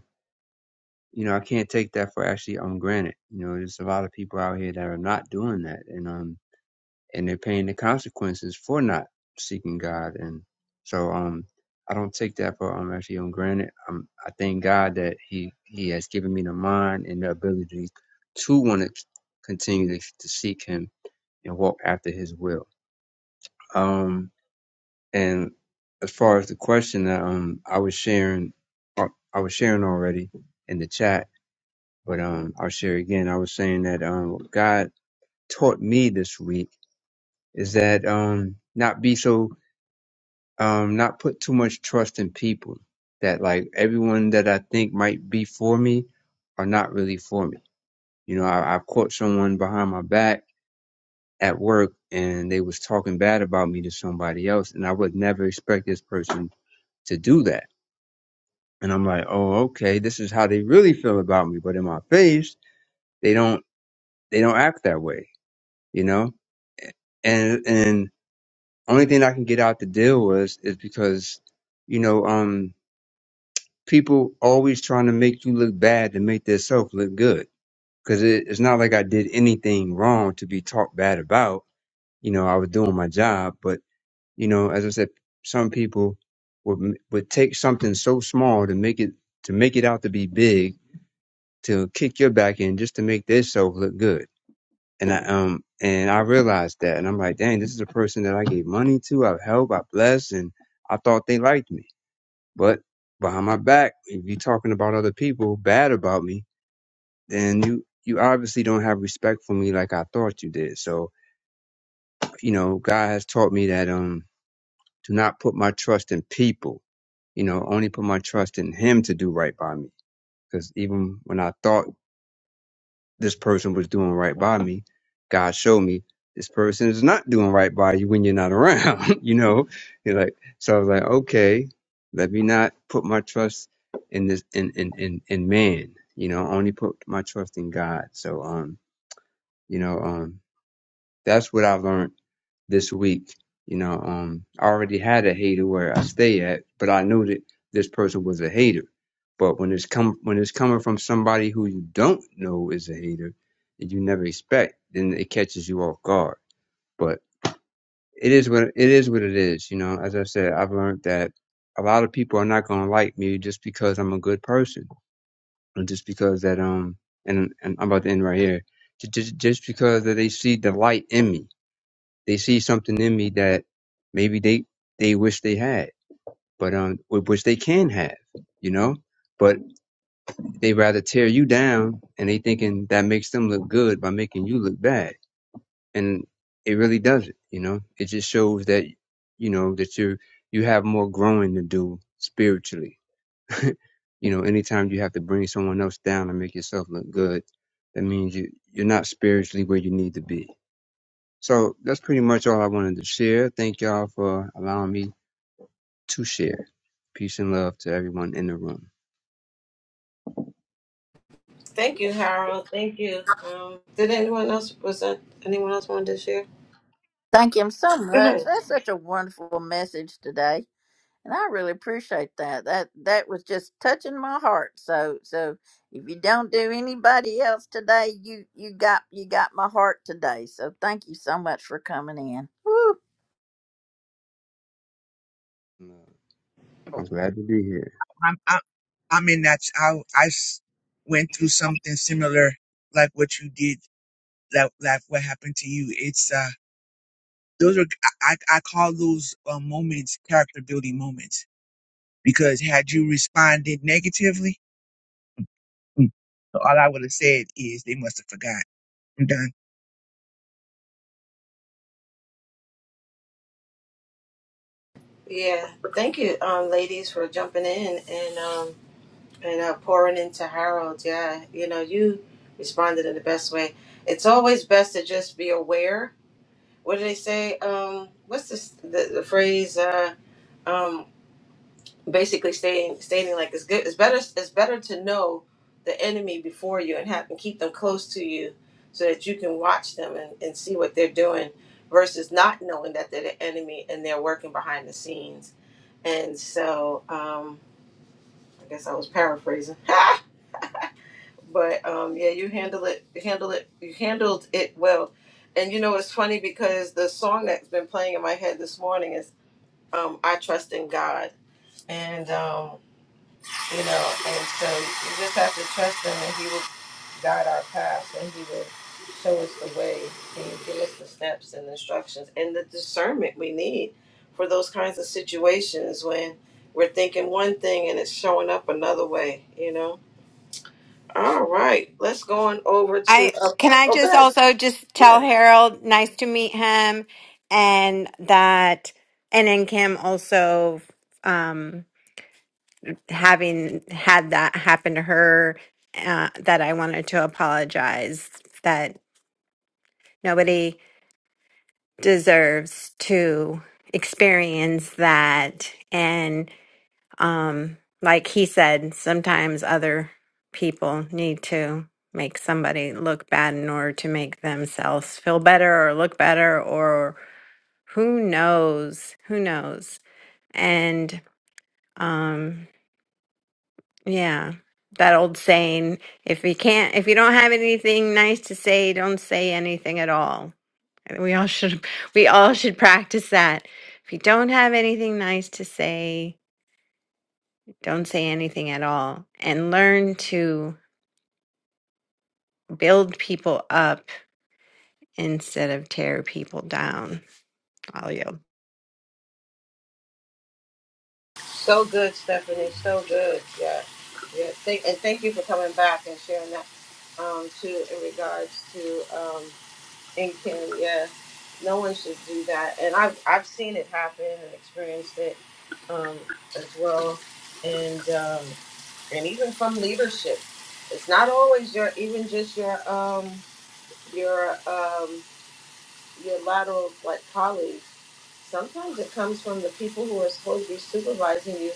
Speaker 7: you know, I can't take that for actually on granted. You know, there's a lot of people out here that are not doing that, and um. and they're paying the consequences for not seeking God. And so, um, I don't take that for um actually on granted. Um, I thank God that He He has given me the mind and the ability to want to continue to, to seek Him and walk after His will. Um, and as far as the question that um I was sharing, uh, I was sharing already in the chat, but um I'll share again. I was saying that um what God taught me this week is that um not be so um not put too much trust in people that like everyone that I think might be for me are not really for me. You know, I, I caught someone behind my back at work and they was talking bad about me to somebody else and I would never expect this person to do that. And I'm like, oh okay, this is how they really feel about me. But in my face, they don't they don't act that way, you know? And and only thing I can get out the deal was is because, you know, um people always trying to make you look bad to make themselves look good. Because it, it's not like I did anything wrong to be talked bad about. You know, I was doing my job, but you know, as I said, some people would m- would take something so small to make it to make it out to be big to kick your back in just to make themselves look good. And I um and I realized that, and I'm like, dang, this is a person that I gave money to, I've helped, I blessed, and I thought they liked me but behind my back, if you're talking about other people bad about me, then you you obviously don't have respect for me like I thought you did. So you know, God has taught me that um, do not put my trust in people. You know, only put my trust in Him to do right by me. Because even when I thought this person was doing right by me. God showed me this person is not doing right by you when you're not around, you know? You're like, so I was like, okay, let me not put my trust in this, in, in, in, in man, you know, only put my trust in God. So, um, you know, um, that's what I've learned this week. You know, um, I already had a hater where I stay at, but I knew that this person was a hater. But when it's come when it's coming from somebody who you don't know is a hater that you never expect, then it catches you off guard. But it is what it is what it is. You know, as I said, I've learned that a lot of people are not gonna like me just because I'm a good person, or just because that um, and and I'm about to end right here, just just because that they see the light in me they see something in me that maybe they they wish they had, but um, w- which they can have, you know. But they rather tear you down, and they thinking that makes them look good by making you look bad, and it really doesn't, you know. It just shows that you know that you you have more growing to do spiritually. you know, anytime you have to bring someone else down and make yourself look good, that means you you're not spiritually where you need to be. So that's pretty much all I wanted to share. Thank y'all for allowing me to share. Peace and love to everyone in the room.
Speaker 1: Thank you, Harold. Thank you. Um, did anyone else was that anyone else wanted to share?
Speaker 5: Thank him so
Speaker 1: Go ahead.
Speaker 5: much. That's such a wonderful message today, and I really appreciate that. That that was just touching my heart. So so if you don't do anybody else today, you you got you got my heart today. So thank you so much for coming in. Woo.
Speaker 7: I'm
Speaker 8: I'm
Speaker 7: glad to be here.
Speaker 8: I'm, I'm in that. I I s- went through something similar, like what you did, like like what happened to you. It's uh, those are I I I call those uh, moments character building moments because had you responded negatively, Mm. all I would have said is they must have forgot. I'm done.
Speaker 1: Yeah, thank you, um, ladies, for jumping in and um, and uh, pouring into Harold. Yeah, you know, you responded in the best way. It's always best to just be aware. What do they say? Um, what's this, the the phrase? Uh, um, basically, stating stating like it's good. It's better. It's better to know the enemy before you and have and keep them close to you so that you can watch them and, and see what they're doing versus not knowing that they're the enemy and they're working behind the scenes and so um, I guess I was paraphrasing, but um, yeah, you handle it, you handle it, you handled it well. And you know, it's funny because the song that's been playing in my head this morning is um, "I Trust in God," and um, you know, and so you just have to trust Him, and He will. guide our path and He will show us the way and give us the steps and instructions and the discernment we need for those kinds of situations when we're thinking one thing and it's showing up another way, you know? All right, let's go on over to.
Speaker 2: I
Speaker 1: Uh,
Speaker 2: can I
Speaker 1: oh,
Speaker 2: just
Speaker 1: good.
Speaker 2: also just
Speaker 1: Yeah.
Speaker 2: tell Harold, nice to meet him, and that, and then Kim also, um, having had that happen to her, uh, that I wanted to apologize that nobody. deserves to experience that and um like he said sometimes other people need to make somebody look bad in order to make themselves feel better or look better or who knows who knows and um yeah that old saying if you can't if you don't have anything nice to say don't say anything at all We all should we all should practice that. If you don't have anything nice to say, don't say anything at all and learn to build people up instead of tear people down. I'll yield.
Speaker 1: So good, Stephanie. So good. Yeah. Yeah. Thank, and thank you for coming back and sharing that um, too in regards to. um, And can yeah, no one should do that. And I've I've seen it happen and experienced it um, as well. And um, and even from leadership, it's not always your even just your um, your um, your lateral like colleagues. Sometimes it comes from the people who are supposed to be supervising you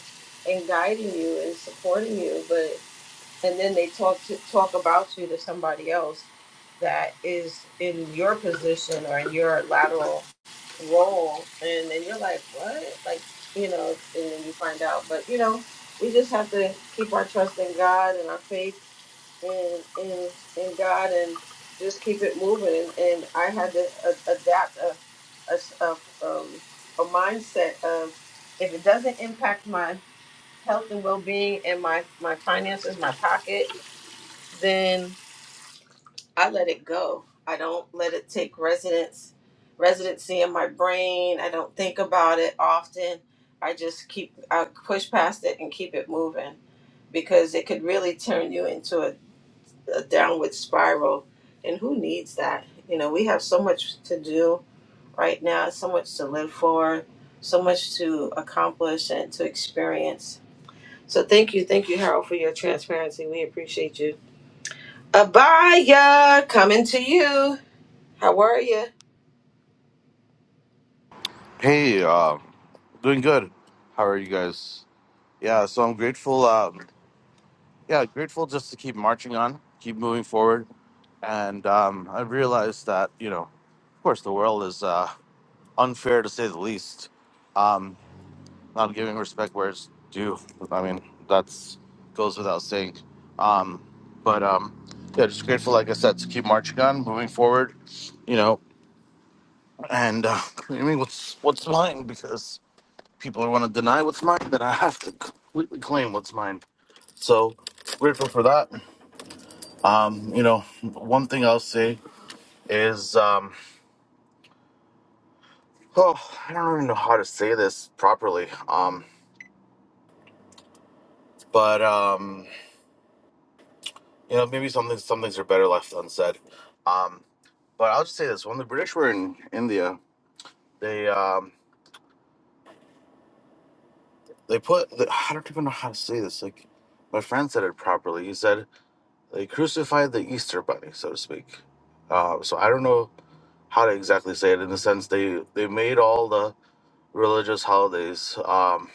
Speaker 1: and guiding you and supporting you and then they talk to, talk about you to somebody else that is in your position or in your lateral role, and then you're like, what? Like, you know, and then you find out. But you know, we just have to keep our trust in God and our faith in in in God, and just keep it moving. And, and I had to a, adapt a a, s- a, um, a mindset of if it doesn't impact my health and well being and my my finances, my pocket then I let it go. I don't let it take residence residency in my brain. I don't think about it often. I just keep I push past it and keep it moving because it could really turn you into a, a downward spiral. And who needs that? You know, we have so much to do right now, so much to live for, so much to accomplish and to experience. So thank you, thank you, Harold, for your transparency. We appreciate you Abaya, coming to you. How are you?
Speaker 9: Hey, uh, doing good. How are you guys? Yeah, so I'm grateful. Um, yeah, grateful just to keep marching on, keep moving forward. And um, I realized that, you know, of course, the world is uh, unfair to say the least. Um, not giving respect where it's due. I mean, that's goes without saying. Um, but um, yeah, just grateful, like I said, to keep marching on, moving forward. You know, and uh, claiming what's what's mine because people want to deny what's mine, then I have to completely claim what's mine. So grateful for that. Um, you know, one thing I'll say is, um, oh, I don't even know how to say this properly. Um, but um, you know, maybe some things, some things are better left unsaid. Um, but I'll just say this: when the British were in India, they um, they put the, I don't even know how to say this. Like my friend said it properly. He said they crucified the Easter Bunny, so to speak. Uh, so I don't know how to exactly say it in the sense they they made all the religious holidays um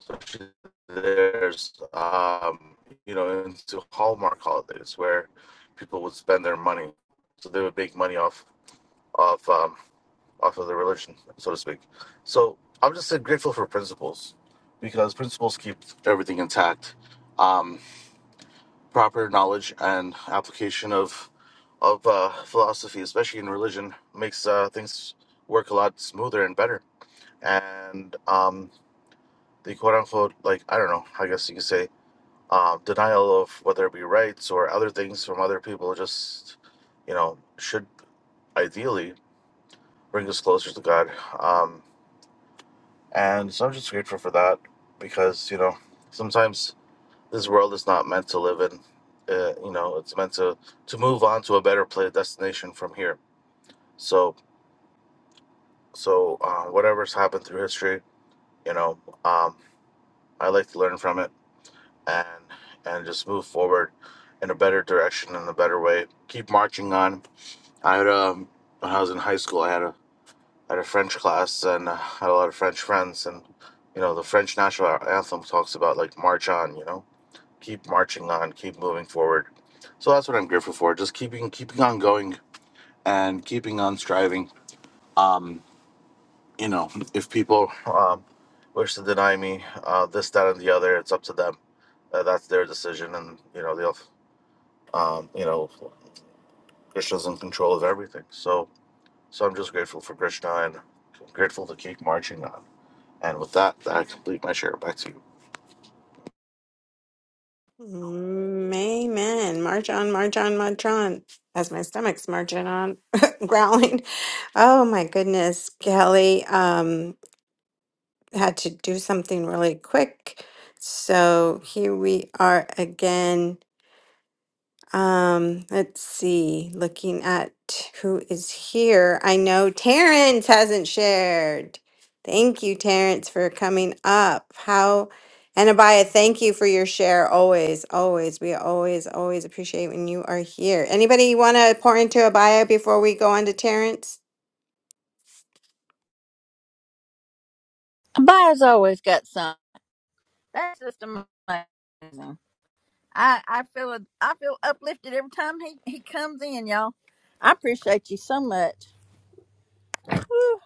Speaker 9: especially there's um you know into hallmark holidays where people would spend their money so they would make money off of um off of the religion so to speak so i'm just uh, grateful for principles because principles keep everything intact um proper knowledge and application of of uh, philosophy, especially in religion, makes uh, things work a lot smoother and better. And um, the quote unquote, like I don't know, I guess you could say uh, denial of whether it be rights or other things from other people, just you know, should ideally bring us closer to God. Um, and so I'm just grateful for that because you know sometimes this world is not meant to live in. Uh, you know, it's meant to to move on to a better place destination from here. So, so uh, whatever's happened through history, you know, um, I like to learn from it and and just move forward in a better direction in a better way. Keep marching on. I had um when I was in high school, I had a I had a French class and uh, had a lot of French friends, and you know, the French national anthem talks about like march on. You know keep marching on, keep moving forward. So that's what I'm grateful for. Just keeping keeping on going and keeping on striving. Um, you know, if people um, wish to deny me uh, this, that, and the other, it's up to them. Uh, that's their decision, and you know they'll. Um, you know, Krishna's in control of everything. So, so I'm just grateful for Krishna and grateful to keep marching on. And with that, I complete my share. Back to you.
Speaker 2: Mm, Amen. March on, march on, march on. As my stomach's marching on, growling. Oh my goodness, Kelly um, had to do something really quick. So here we are again. Um, let's see. Looking at who is here, I know Terrence hasn't shared. Thank you, Terrence, for coming up. How and Abaya, thank you for your share. Always, always, we always, always appreciate when you are here. Anybody want to pour into Abaya before we go on to Terrence?
Speaker 5: A Buyers always got some. That's just amazing. I I feel a- I feel uplifted every time he he comes in, y'all. I appreciate you so much. Woo.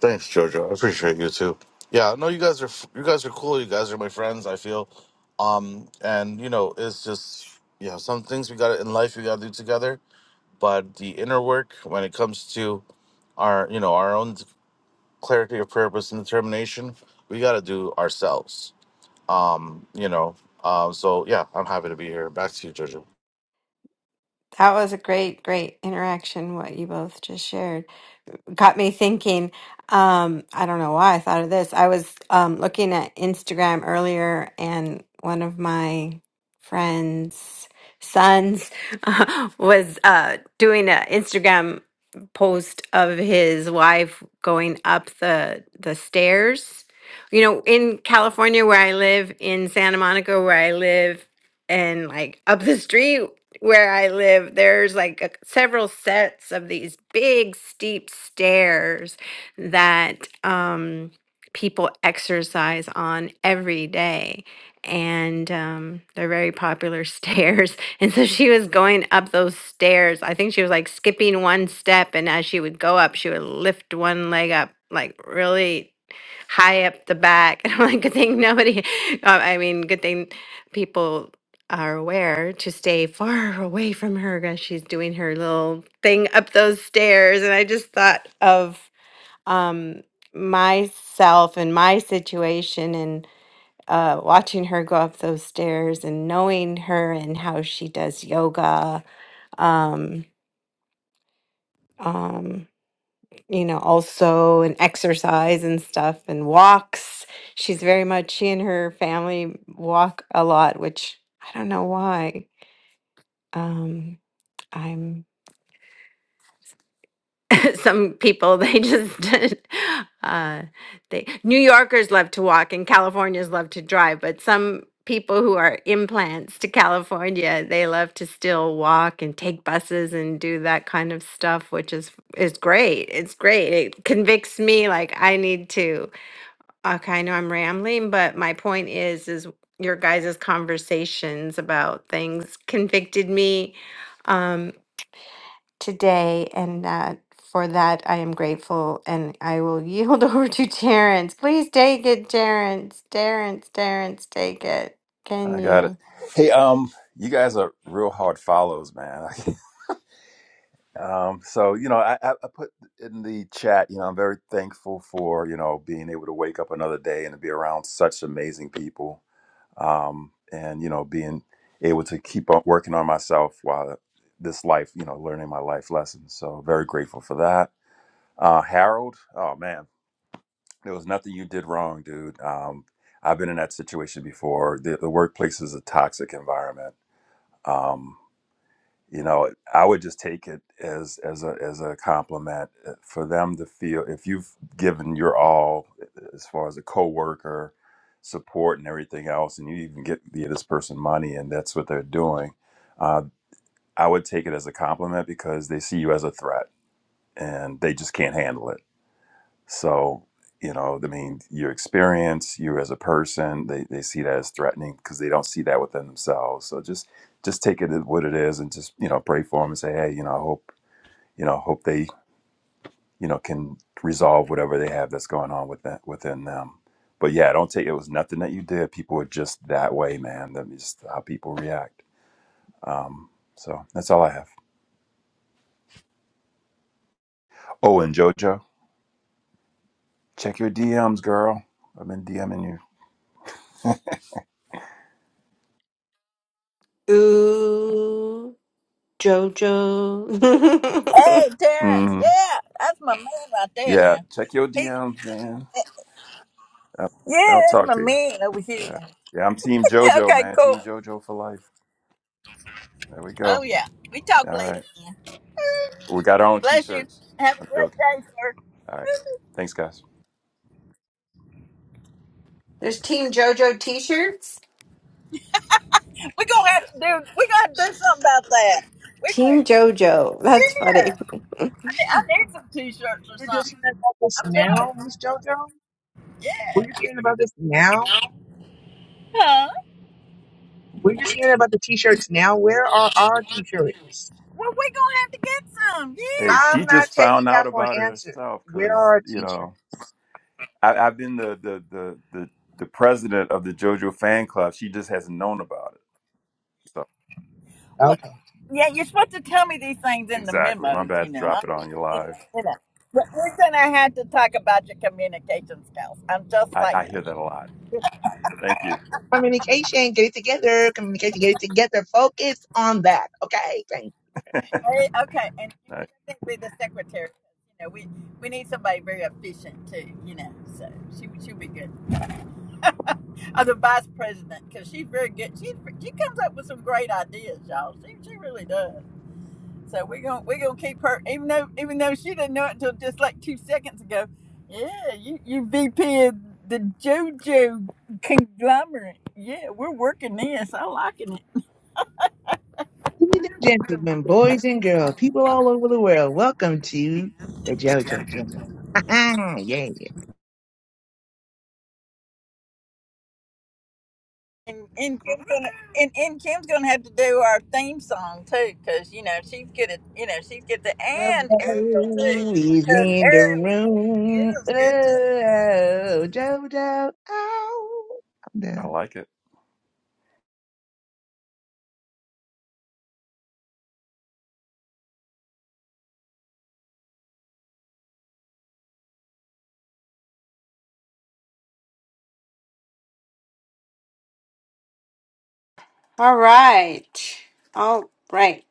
Speaker 9: Thanks, Jojo. I appreciate you too. Yeah, no, you guys are you guys are cool. You guys are my friends. I feel, um, and you know, it's just you know some things we got in life we got to do together. But the inner work when it comes to our you know our own clarity of purpose and determination, we got to do ourselves. Um, you know, um, so yeah, I'm happy to be here. Back to you, Jojo.
Speaker 2: That was a great, great interaction. What you both just shared. got me thinking. Um, I don't know why I thought of this. I was um, looking at Instagram earlier, and one of my friends' sons was uh, doing an Instagram post of his wife going up the the stairs. You know, in California where I live, in Santa Monica where I live, and like up the street where I live, there's like a, several sets of these big steep stairs that um, people exercise on every day. And um, they're very popular stairs. And so she was going up those stairs. I think she was like skipping one step. And as she would go up, she would lift one leg up, like really high up the back. And I'm like, good thing nobody, uh, I mean, good thing people are aware to stay far away from her as she's doing her little thing up those stairs. And I just thought of um, myself and my situation and uh, watching her go up those stairs and knowing her and how she does yoga, um, um, you know, also and exercise and stuff and walks. She's very much, she and her family walk a lot, which I don't know why. Um, some people they just uh they New Yorkers love to walk and Californians love to drive, but some people who are implants to California, they love to still walk and take buses and do that kind of stuff, which is is great. It's great. It convicts me like I need to okay, I know I'm rambling, but my point is is your guys' conversations about things convicted me um, today, and uh, for that I am grateful. And I will yield over to Terrence. Please take it, Terrence. Terrence, Terrence, take it. Can
Speaker 10: I got it.
Speaker 2: you?
Speaker 10: Hey, um, you guys are real hard follows, man. um, so you know, I, I I put in the chat. You know, I'm very thankful for you know being able to wake up another day and to be around such amazing people. Um, and you know, being able to keep on working on myself while this life, you know, learning my life lessons. So very grateful for that. Uh, Harold, oh man, there was nothing you did wrong, dude. Um, I've been in that situation before. The, the workplace is a toxic environment. Um, you know i would just take it as as a as a compliment uh, for them to feel if you've given your all eh, as far as a coworker support and everything else and you even get give this person money and that's what they're doing uh, i would take it as a compliment because they see you as a threat and they just can't handle it so, you know, I mean, your experience, you as a person, they, they see that as threatening because they don't see that within themselves. So just just take it as what it is and just, you know, pray for them and say, hey, you know, I hope, you know, hope they, you know, can resolve whatever they have that's going on with that within them. But yeah, don't take it was nothing that you did. People are just that way, man. That's just how people react. Um, so that's all I have. Oh, and JoJo, check your DMs, girl. I've been DMing you.
Speaker 2: Ooh, JoJo.
Speaker 5: Hey, Terrence.
Speaker 10: hmm
Speaker 5: Yeah, that's my man right there
Speaker 10: Yeah,
Speaker 5: now.
Speaker 10: check your
Speaker 5: He,
Speaker 10: DMs, man. I'll,
Speaker 5: yeah,
Speaker 10: I'll
Speaker 5: that's
Speaker 10: talk
Speaker 5: my
Speaker 10: to you.
Speaker 5: man over here.
Speaker 10: Yeah.
Speaker 5: Now.
Speaker 10: Yeah, I'm Team JoJo,
Speaker 5: Okay,
Speaker 10: man.
Speaker 5: cool.
Speaker 10: Team JoJo for life. There we
Speaker 5: Oh
Speaker 10: go.
Speaker 5: yeah, we talk
Speaker 10: All
Speaker 5: later,
Speaker 10: right.
Speaker 5: man.
Speaker 10: We got our own t
Speaker 5: Bless you.
Speaker 10: shirts.
Speaker 5: Have a
Speaker 10: I'm
Speaker 5: great
Speaker 10: joking.
Speaker 5: day, sir.
Speaker 10: All right. Thanks, guys.
Speaker 2: There's Team JoJo t shirts?
Speaker 5: We're gonna have to do. We're gonna have to do something about that. We're
Speaker 2: Team
Speaker 5: gonna.
Speaker 2: JoJo. That's
Speaker 5: Yeah,
Speaker 2: funny.
Speaker 5: I need I need some t-shirts or
Speaker 8: We're
Speaker 5: something.
Speaker 8: just hearing about this
Speaker 5: I'm feeling.
Speaker 8: now, Miss JoJo.
Speaker 5: Yeah.
Speaker 8: We're just hearing about this now.
Speaker 5: Huh?
Speaker 8: We're just hearing about the t-shirts now. Where are our t-shirts?
Speaker 5: Well, we gonna have to get some.
Speaker 10: Hey,
Speaker 5: Yeah.
Speaker 8: I'm
Speaker 10: she
Speaker 8: not
Speaker 10: just
Speaker 8: taking
Speaker 10: found
Speaker 8: that
Speaker 10: out
Speaker 8: for
Speaker 10: about
Speaker 8: an
Speaker 10: it
Speaker 8: answer.
Speaker 10: herself
Speaker 8: Where
Speaker 10: because,
Speaker 8: are our
Speaker 10: you
Speaker 8: teachers?
Speaker 10: know, I, I've been the, the, the, the, the president of the JoJo fan club. She just hasn't known about it. So,
Speaker 5: Well,
Speaker 8: Okay.
Speaker 5: yeah. You're supposed to tell me these things in the
Speaker 10: exactly. My
Speaker 5: memos.
Speaker 10: bad
Speaker 5: You
Speaker 10: to
Speaker 5: know. I'm
Speaker 10: drop it
Speaker 5: just,
Speaker 10: on you
Speaker 5: you know,
Speaker 10: live.
Speaker 5: you know. But we're gonna have to talk about your communication skills. I'm just
Speaker 10: I,
Speaker 5: saying.
Speaker 10: I hear that a lot. Thank you.
Speaker 8: Communication, get it together. Communication, get it together. Focus on that. Okay. Thank you.
Speaker 5: Hey, okay, and
Speaker 10: I,
Speaker 5: you think be the secretary. You know, we we need somebody very efficient too. You know, so she she'll be good. Or the vice president, because she's very good. She she comes up with some great ideas, y'all. She she really does. So we're gonna we're gonna keep her, even though even though she didn't know it until just like two seconds ago. Yeah, you you VP of the JoJo conglomerate. Yeah, we're working this. I liking it.
Speaker 8: Ladies and gentlemen, boys and girls, people all over the world, welcome to the JoJo channel. yeah.
Speaker 5: And and Kim's gonna and, and Kim's gonna have to do our theme song too, cause you know she's good at you know she's good to and Ariel too,
Speaker 8: JoJo is
Speaker 5: cause
Speaker 8: in the
Speaker 5: Ariel
Speaker 8: room.
Speaker 5: Ariel's good too.
Speaker 8: Oh, JoJo. Oh.
Speaker 10: I like it.
Speaker 2: All right. All right.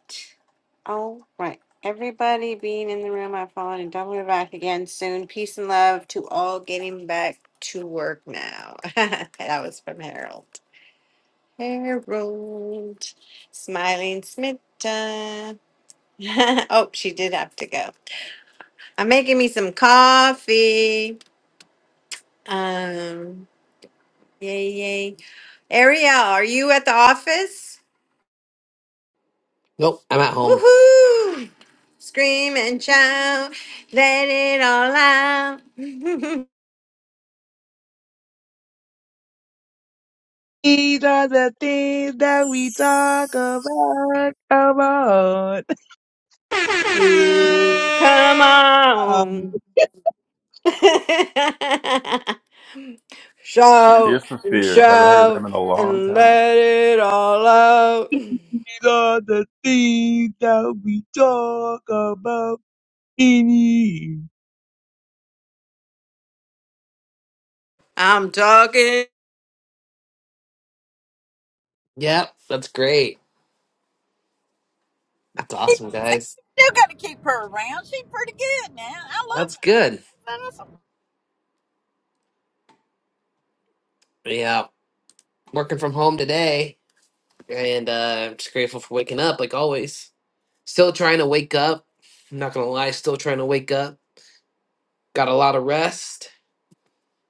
Speaker 2: All right. Everybody being in the room, I've fallen and double back again soon. Peace and love to all getting back to work now. that was from Harold. Harold. Smiling Smita. oh, she did have to go. I'm making me some coffee. Um, yay, yay. Ariel, are you at the office?
Speaker 11: Nope, I'm at home.
Speaker 2: Woohoo! Scream and shout, let it all out.
Speaker 8: These are the things that we talk about. Come on.
Speaker 2: you come
Speaker 8: Ah,
Speaker 2: on.
Speaker 10: Tears
Speaker 2: shout
Speaker 10: for
Speaker 2: and
Speaker 10: Fears. Haven't heard them
Speaker 2: shout
Speaker 10: in a long
Speaker 2: and
Speaker 10: time.
Speaker 2: let it all out.
Speaker 8: These are the things that we talk about in here.
Speaker 2: I'm talking.
Speaker 11: Yep, that's great. That's
Speaker 5: You
Speaker 11: awesome, guys.
Speaker 5: still got to keep her around. She's pretty good now. I
Speaker 11: That's good.
Speaker 5: love her.
Speaker 11: Yeah, working from home today, and uh, I'm just grateful for waking up, like always. Still trying to wake up. I'm not gonna lie, still trying to wake up. Got a lot of rest,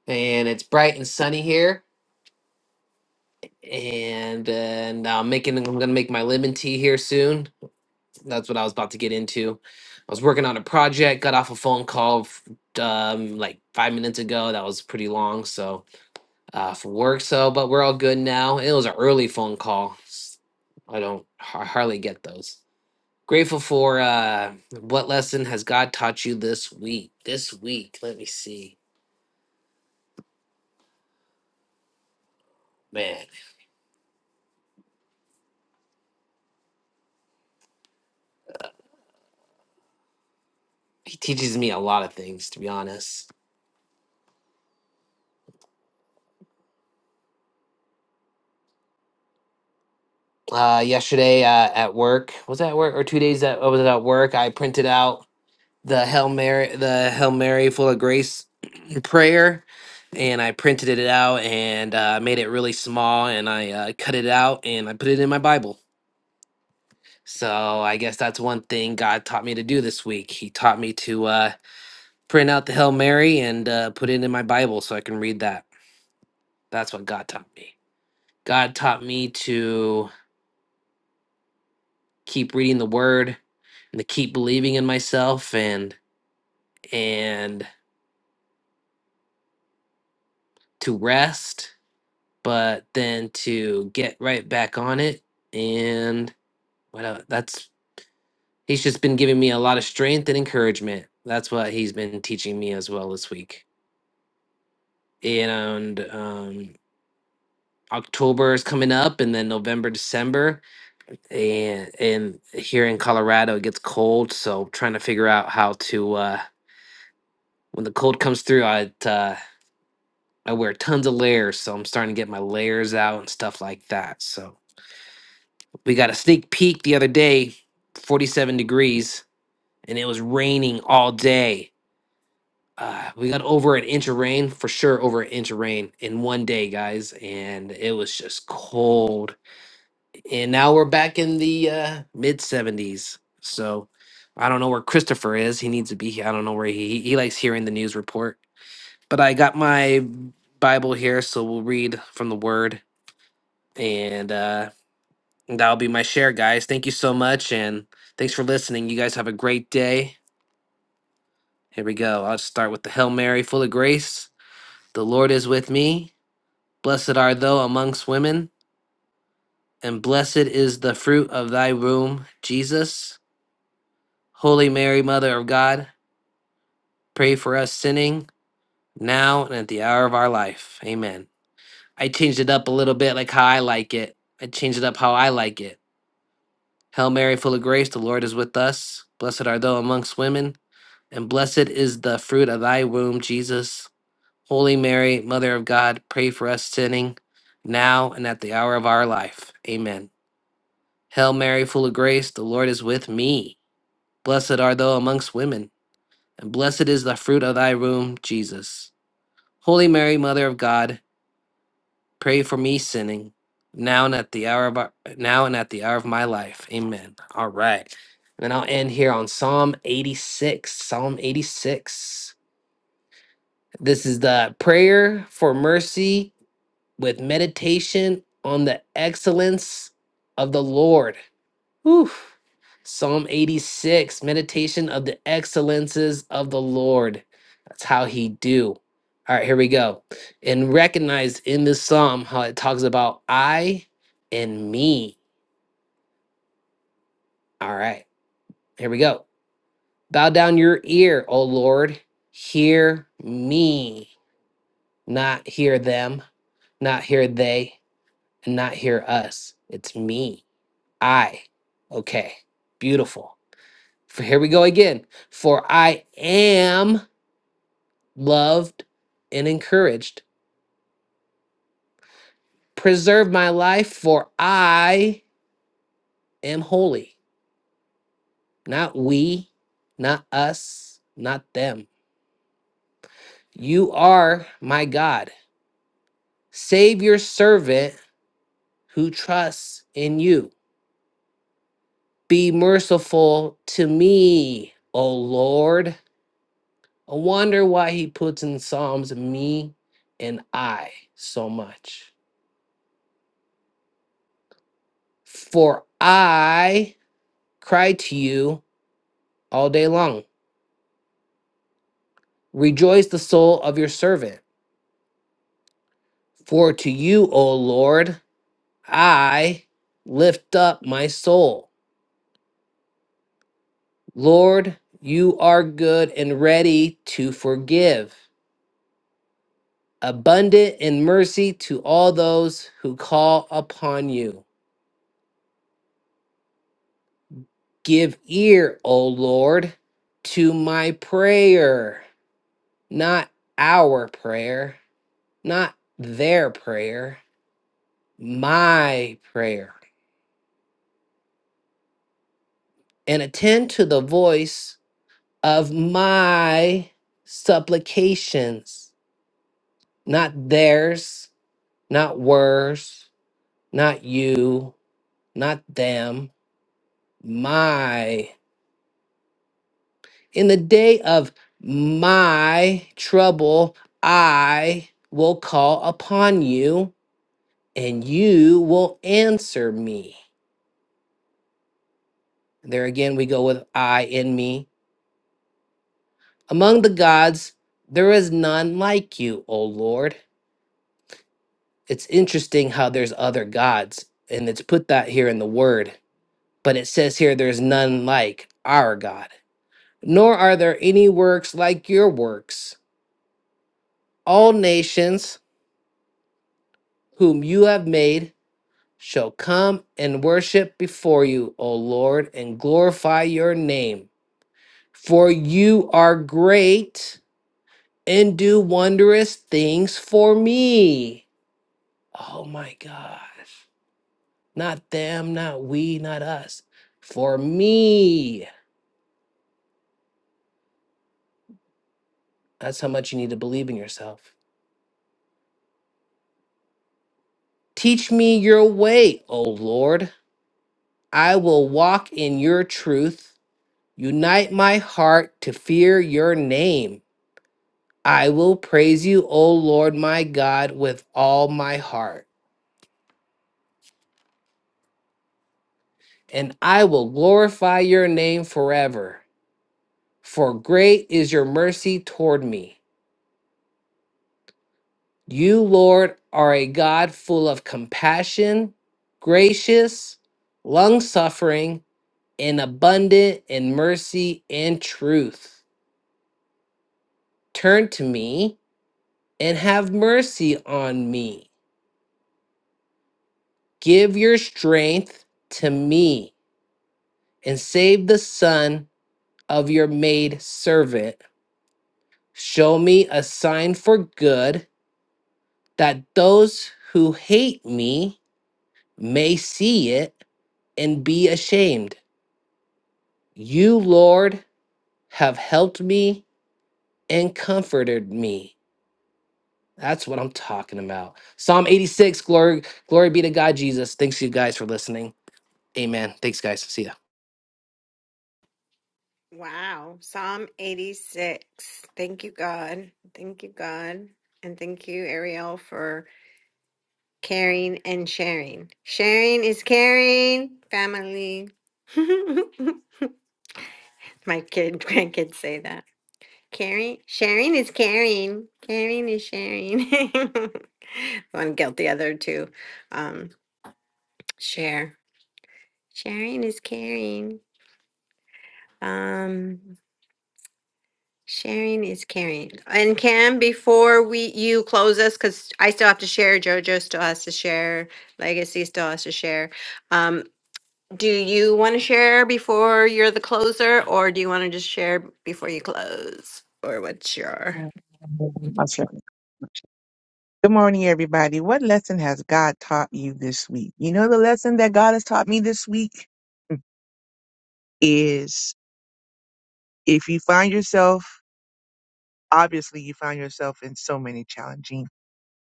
Speaker 11: and it's bright and sunny here. And uh, now I'm making. I'm gonna make my lemon tea here soon. That's what I was about to get into. I was working on a project. Got off a phone call f- um, like five minutes ago. That was pretty long, so. uh, from work. So, but we're all good now. It was an early phone call. I don't I hardly get those. Grateful for uh, what lesson has God taught you this week? This week, let me see. Man, he teaches me a lot of things, to be honest. Uh, yesterday uh, at work, was that at work or two days that I was at work? I printed out the Hail Mary, the Hail Mary full of grace prayer and I printed it out and uh, made it really small and I uh, cut it out and I put it in my Bible. So I guess that's one thing God taught me to do this week. He taught me to uh, print out the Hail Mary and uh, put it in my Bible so I can read that. That's what God taught me. God taught me to keep reading the Word and to keep believing in myself and and to rest, but then to get right back on it and what else? that's He's just been giving me a lot of strength and encouragement. That's what he's been teaching me as well this week. And um, October is coming up, and then November, December, and and here in Colorado it gets cold, so trying to figure out how to uh, when the cold comes through, I uh, I wear tons of layers, so I'm starting to get my layers out and stuff like that. So we got a sneak peek the other day, 47 degrees, and it was raining all day uh, we got over an inch of rain for sure over an inch of rain in one day guys and it was just cold and now we're back in the uh, mid 70s so i don't know where christopher is he needs to be here i don't know where he he likes hearing the news report but i got my bible here so we'll read from the word and uh that'll be my share guys thank you so much and thanks for listening you guys have a great day here we go i'll start with the hail mary full of grace the lord is with me Blessed art thou amongst women, and blessed is the fruit of thy womb, Jesus. Holy Mary, Mother of God, pray for us sinning, now and at the hour of our life. Amen. I changed it up a little bit like how I like it. I changed it up how I like it. Hail Mary, full of grace, the Lord is with us. Blessed art thou amongst women, and blessed is the fruit of thy womb, Jesus. Holy Mary, Mother of God, pray for us sinning, now and at the hour of our life. Amen. Hail Mary, full of grace, the Lord is with me. Blessed art thou amongst women, and blessed is the fruit of thy womb, Jesus. Holy Mary, Mother of God, pray for me sinning, now and at the hour of our, now and at the hour of my life. Amen. All right. And then I'll end here on Psalm 86. Psalm 86. This is the prayer for mercy with meditation on the excellence of the Lord. Oof. Psalm 86, meditation of the excellences of the Lord. That's how he do. All right, here we go. And recognize in this psalm how it talks about I and me. All right, here we go. Bow down your ear, O Lord. Hear me, not hear them, not hear they, and not hear us. It's me. I. Okay, beautiful. For here we go again. For I am loved and encouraged. Preserve my life, for I am holy. Not we, not us, not them. You are my God. Save your servant who trusts in you. Be merciful to me, O Lord. I wonder why he puts in Psalms me and I so much. For I cry to you all day long. Rejoice the soul of your servant. For to you, O Lord, I lift up my soul. Lord, you are good and ready to forgive, abundant in mercy to all those who call upon you. Give ear, O Lord, to my prayer, not our prayer, not their prayer, my prayer and attend to the voice of my supplications, not theirs, not worse, not you, not them, my. In the day of my trouble, I will call upon you and you will answer me. There again, we go with I in me. Among the gods, there is none like you, O Lord. it's interesting how there's other gods and it's put that here in the word but it says here there's none like our god nor are there any works like your works all nations whom you have made shall come and worship before you o lord and glorify your name for you are great and do wondrous things for me oh my gosh Not them, not we, not us. For me. That's how much you need to believe in yourself. Teach me your way, O Lord. I will walk in your truth. Unite my heart to fear your name. I will praise you, O Lord my God, with all my heart. And I will glorify your name forever. For great is your mercy toward me. You, Lord, are a God full of compassion, gracious, long suffering, and abundant in mercy and truth. Turn to me and have mercy on me. Give your strength to me and save the son of your maid servant. Show me a sign for good that those who hate me may see it and be ashamed. You, Lord, have helped me and comforted me. That's what I'm talking about. Psalm 86, glory, glory be to God Jesus. Thanks you guys for listening. Amen. Thanks, guys. See ya.
Speaker 2: Wow. Psalm 86. Thank you, God. Thank you, God. And thank you, Ariel, for caring and sharing. Sharing is caring, family. My kid, grandkids say that. Caring, sharing is caring. Caring is sharing. One guilt, the other to Um, share. Sharing is caring. Um, sharing is caring. And Cam, before we you close us, because I still have to share. Jojo still has to share. Legacy still has to share. Um, Do you want to share before you're the closer, or do you want to just share before you close? Or what's your
Speaker 8: Okay. Good morning, everybody. What lesson has God taught you this week? You know, the lesson that God has taught me this week is if you find yourself, obviously, you find yourself in so many challenging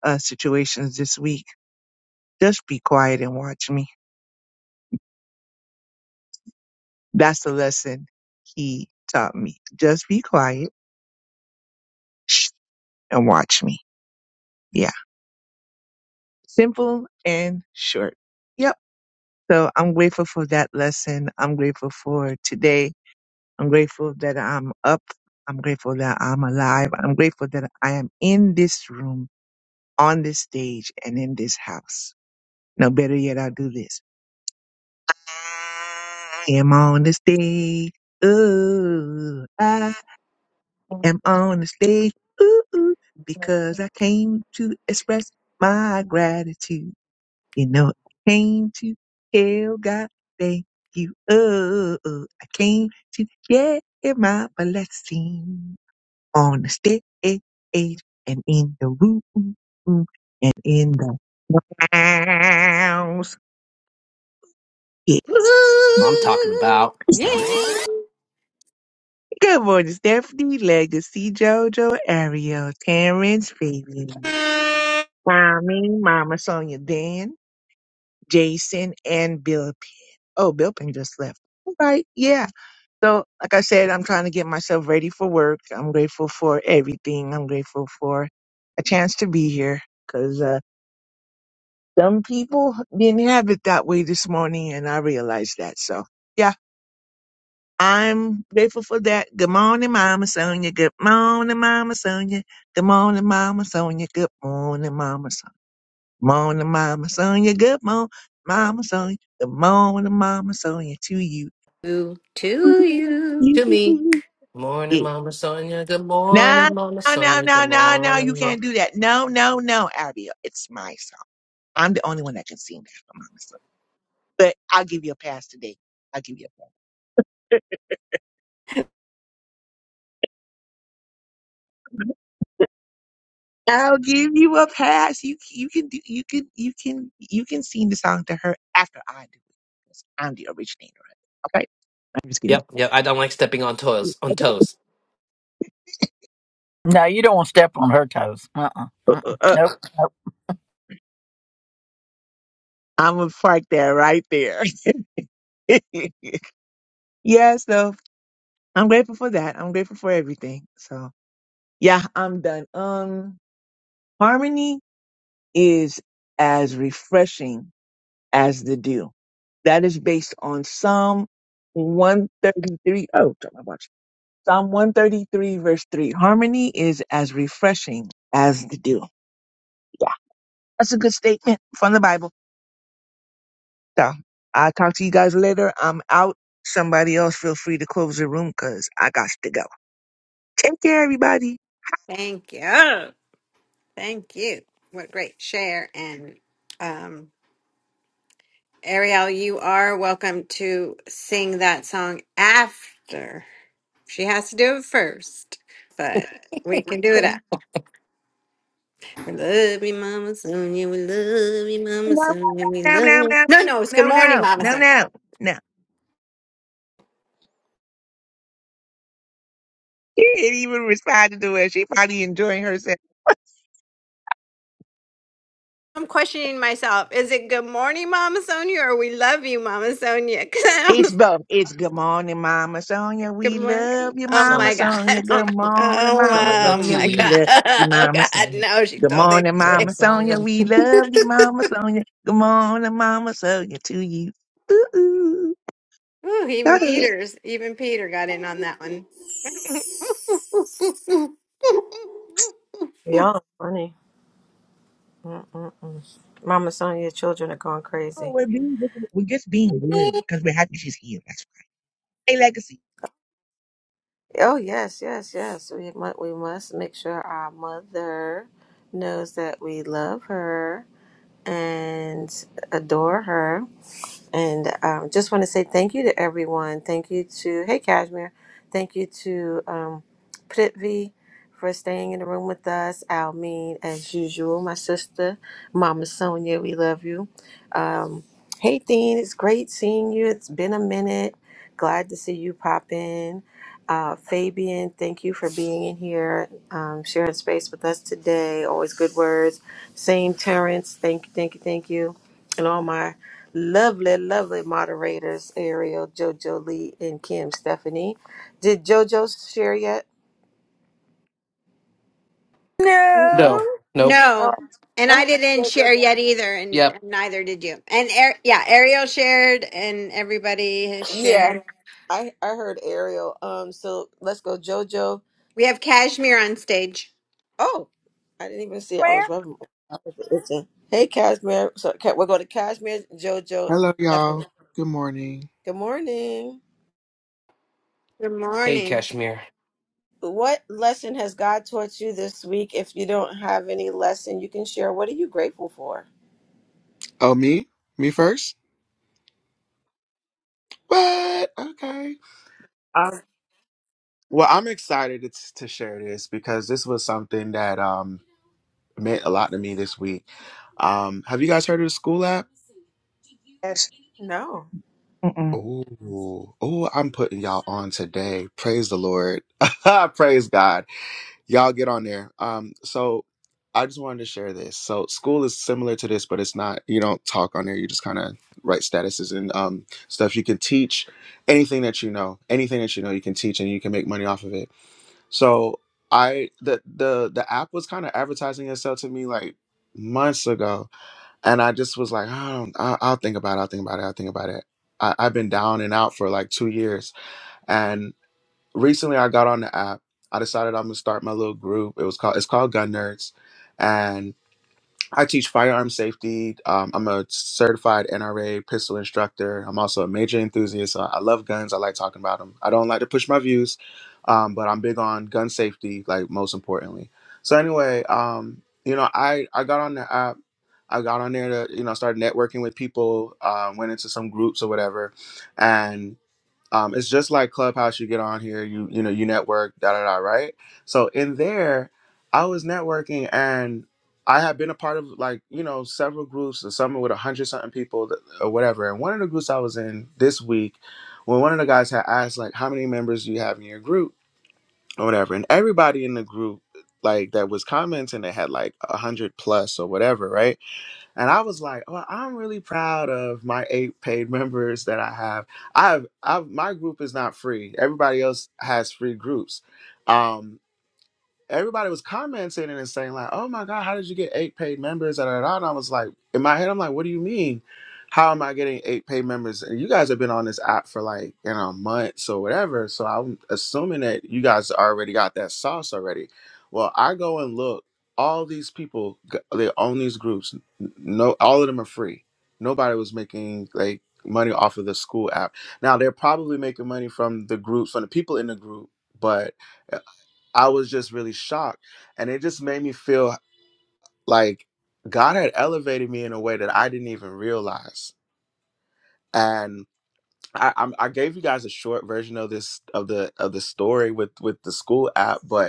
Speaker 8: uh, situations this week, just be quiet and watch me That's the lesson he taught me. Just be quiet shh, and watch me. Yeah. Simple and short. Yep. So I'm grateful for that lesson. I'm grateful for today. I'm grateful that I'm up. I'm grateful that I'm alive. I'm grateful that I am in this room, on this stage, and in this house. No, better yet, I'll do this. I am on the stage. Ooh, ah. am on the stage ooh, ooh, because I came to express my gratitude. You know, I came to tell God thank you. Oh, oh, I came to share my blessing on the stage and in the room, in the house. Yes.
Speaker 11: I'm talking about
Speaker 8: Good morning, Stephanie, Legacy, JoJo, Ariel, Terrence, Fabian, Mommy, Mama Sonia, Dan. Jason and Bill Penn. Oh, Bill Penn just left. All right, yeah. So, like I said, I'm trying to get myself ready for work. I'm grateful for everything. I'm grateful for a chance to be here because uh, some people didn't have it that way this morning, and I realized that. So, yeah, I'm grateful for that. Good morning, Mama Sonia. Good morning, Mama Sonia. Good morning, Mama Sonia. Good morning, Mama Sonia. Morning, Mama Sonia. Good morning, Mama Sonia. Good morning, Mama Sonia. To you.
Speaker 2: to to
Speaker 8: you.
Speaker 2: you?
Speaker 11: to me. Morning,
Speaker 8: Yeah.
Speaker 11: Mama Sonia. Good
Speaker 8: No,
Speaker 11: morning, Mama
Speaker 8: no,
Speaker 11: Sonia. Good
Speaker 8: no, no, no. You
Speaker 11: morning, Mama.
Speaker 8: can't do that. No, no, no, Abiel. It's my song. I'm the only one that can sing that for Mama Sonia. But I'll give you a pass today. I'll give you a pass. I'll give you a pass. You you can do you can you can you can sing the song to her after I do it. 'cause I'm the originator of it. Okay. I'm just kidding.
Speaker 11: Yep, yep. I don't like stepping on toes. On toes.
Speaker 5: No, you don't want to step on her toes. Uh-uh.
Speaker 8: Uh,
Speaker 5: uh-uh.
Speaker 8: uh, uh,
Speaker 5: Nope. Nope.
Speaker 8: I'm gonna park that right there. Yeah, so I'm grateful for that. I'm grateful for everything. So yeah, I'm done. Um, harmony is as refreshing as the dew. That is based on Psalm 133. Oh, turn my watch. Psalm 133 verse 3. Harmony is as refreshing as the dew. Yeah, that's a good statement from the Bible. So I'll talk to you guys later. I'm out. Somebody else feel free to close the room because I got to go. Take care, everybody.
Speaker 2: Thank you. Thank you. What great share. And um, Ariel, you are welcome to sing that song after. She has to do it first, but we can do it after. We love you, Mama Sonia. We love you, Mama
Speaker 8: No,
Speaker 2: Sonia. We
Speaker 8: no, no,
Speaker 2: love.
Speaker 8: no,
Speaker 2: No, no, it's good
Speaker 8: no, no,
Speaker 2: morning,
Speaker 8: no,
Speaker 2: Mama Sonia.
Speaker 8: no, no. She didn't even respond to it. She probably enjoying herself.
Speaker 2: I'm questioning myself. Is it good morning, Mama Sonia, or we love you, Mama Sonia? 'Cause I'm
Speaker 8: It's
Speaker 2: like,
Speaker 8: both. It's good morning, Mama Sonia.
Speaker 2: good
Speaker 8: We
Speaker 2: morning.
Speaker 8: love you,
Speaker 2: Oh
Speaker 8: Mama
Speaker 2: my
Speaker 11: Son,
Speaker 2: God.
Speaker 8: Sonia. Good
Speaker 2: Oh,
Speaker 8: morning, Mama
Speaker 11: Sonia
Speaker 2: oh
Speaker 11: to
Speaker 8: Sonia.
Speaker 2: my
Speaker 8: We
Speaker 11: you.
Speaker 2: God.
Speaker 8: love you,
Speaker 2: Oh
Speaker 8: Mama
Speaker 2: God.
Speaker 8: Sonia.
Speaker 2: No, she
Speaker 8: Good
Speaker 2: totally.
Speaker 8: morning,
Speaker 11: Mama
Speaker 8: Mama
Speaker 11: Sonia.
Speaker 8: Sonia. We love you, Mama Sonia. Good morning, Mama Sonia. To you. Ooh, ooh.
Speaker 2: Ooh,
Speaker 8: Go
Speaker 2: even
Speaker 8: ahead.
Speaker 2: Peter's, even Peter got in on that one.
Speaker 1: Y'all are funny. Mm-mm-mm. Mama, some of your children are going
Speaker 8: Oh,
Speaker 1: crazy.
Speaker 8: we're, being, we're just being real because we're happy she's here. That's right. Hey, Legacy.
Speaker 1: Oh yes, yes, yes. We mu- we must make sure our mother knows that we love her and adore her. And um, just want to say thank you to everyone. Thank you to, hey, Cashmere. Thank you to um, Prithvi for staying in the room with us. Almeen, as usual, my sister, Mama Sonia, we love you. Um, hey, Dean, it's great seeing you. It's been a minute. Glad to see you pop in. Uh, Fabian, thank you for being in here, um, sharing space with us today. Always good words. Same Terrence, thank you, thank you, thank you and all my lovely, lovely moderators, Ariel, JoJo Lee, and Kim Stephanie. Did JoJo share yet?
Speaker 11: No.
Speaker 5: No.
Speaker 11: Nope.
Speaker 1: Oh,
Speaker 2: no. And
Speaker 1: go
Speaker 2: I
Speaker 1: ahead
Speaker 2: didn't
Speaker 1: and share,
Speaker 2: share
Speaker 1: JoJo.
Speaker 2: yet either, and
Speaker 11: Yep.
Speaker 2: neither did you. And Ar- yeah, Ariel shared, and everybody has shared.
Speaker 1: Yeah, I, I heard Ariel. Um, so let's go, JoJo.
Speaker 2: We have Kashmir on stage.
Speaker 1: Oh, I didn't even see it. I
Speaker 5: Man,
Speaker 1: was rubbing. My it's hey, Cashmere. So okay, we'll go to Cashmere, JoJo,
Speaker 12: Hello, y'all.
Speaker 1: Stephanie.
Speaker 12: Good morning.
Speaker 1: Good morning.
Speaker 2: Good
Speaker 11: Hey,
Speaker 2: morning.
Speaker 11: Kashmir.
Speaker 1: What lesson has God taught you this week? If you don't have any lesson, you can share. What are you grateful for?
Speaker 12: Oh, me? Me first? What? Okay. Um, well, I'm excited to, to share this because this was something that um meant a lot to me this week. Um, have you guys heard of the school app?
Speaker 8: Yes.
Speaker 1: No.
Speaker 12: Oh, oh, I'm putting y'all on today. Praise the Lord. Praise God. y'all get on there um so i just wanted to share this so school is similar to this but it's not you don't talk on there you just kind of write statuses and um stuff you can teach anything that you know anything that you know you can teach and you can make money off of it so i the the the app was kind of advertising itself to me like months ago and i just was like oh, I, i'll think about it i'll think about it i'll think about it I, i've been down and out for like two years recently I got on the app. I decided I'm gonna start my little group. It was called it's called Gun Nerds, and I teach firearm safety. Um, I'm a certified NRA pistol instructor. I'm also a major enthusiast. I, I love guns. I like talking about them. I don't like to push my views, um, but I'm big on gun safety, like most importantly. So anyway, um, you know, I I got on the app. I got on there to you know start networking with people. Uh, went into some groups or whatever, and um, it's just like clubhouse you get on here you you know you network da da da right so in there i was networking and i had been a part of like you know several groups or something with a hundred something people th- or whatever and one of the groups i was in this week when one of the guys had asked like how many members do you have in your group or whatever and everybody in the group like that was commenting they had like a hundred plus or whatever right and I was like, oh, I'm really proud of my eight paid members that I have. I have, I have my group is not free. Everybody else has free groups. Um, everybody was commenting and saying like, "Oh my God, how did you get eight paid members?" Da, da, da. And I was like, in my head, I'm like, "What do you mean? How am I getting eight paid members?" And you guys have been on this app for like you know months or whatever, so I'm assuming that you guys already got that sauce already. Well, I go and look. All these people, g- they own these groups. N- No, all of them are free. Nobody was making like money off of the school app. Now they're probably making money from the groups, from the people in the group, but I was just really shocked. And it just made me feel like God had elevated me in a way that I didn't even realize. And I, I'm- I gave you guys a short version of this of the of the story with with the school app, but.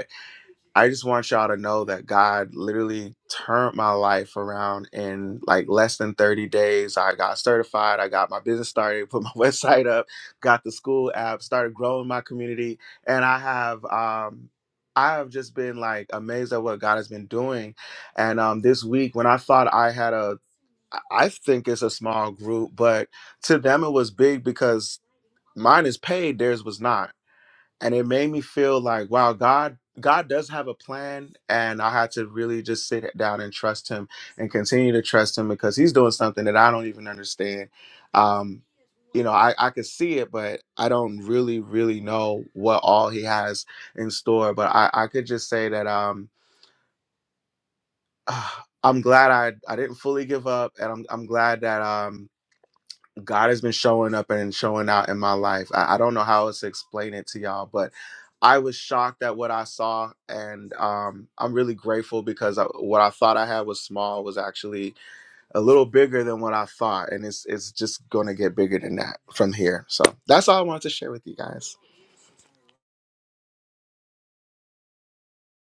Speaker 12: I just want y'all to know that God literally turned my life around in like less than 30 days. I got certified, I got my business started, put my website up, got the school app, started growing my community, and I have um I have just been like amazed at what God has been doing. And um this week when I thought I had a I I think it's a small group, but to them it was big because mine is paid, theirs was not and it made me feel like wow god god does have a plan and i had to really just sit down and trust him and continue to trust him because he's doing something that i don't even understand um you know i i could see it but i don't really really know what all he has in store but i i could just say that um i'm glad i i didn't fully give up and i'm i'm glad that um God has been showing up and showing out in my life. I, I don't know how else to explain it to y'all, but I was shocked at what I saw, and um, I'm really grateful because I, what I thought I had was small was actually a little bigger than what I thought, and it's it's just gonna get bigger than that from here. So that's all I wanted to share with you guys.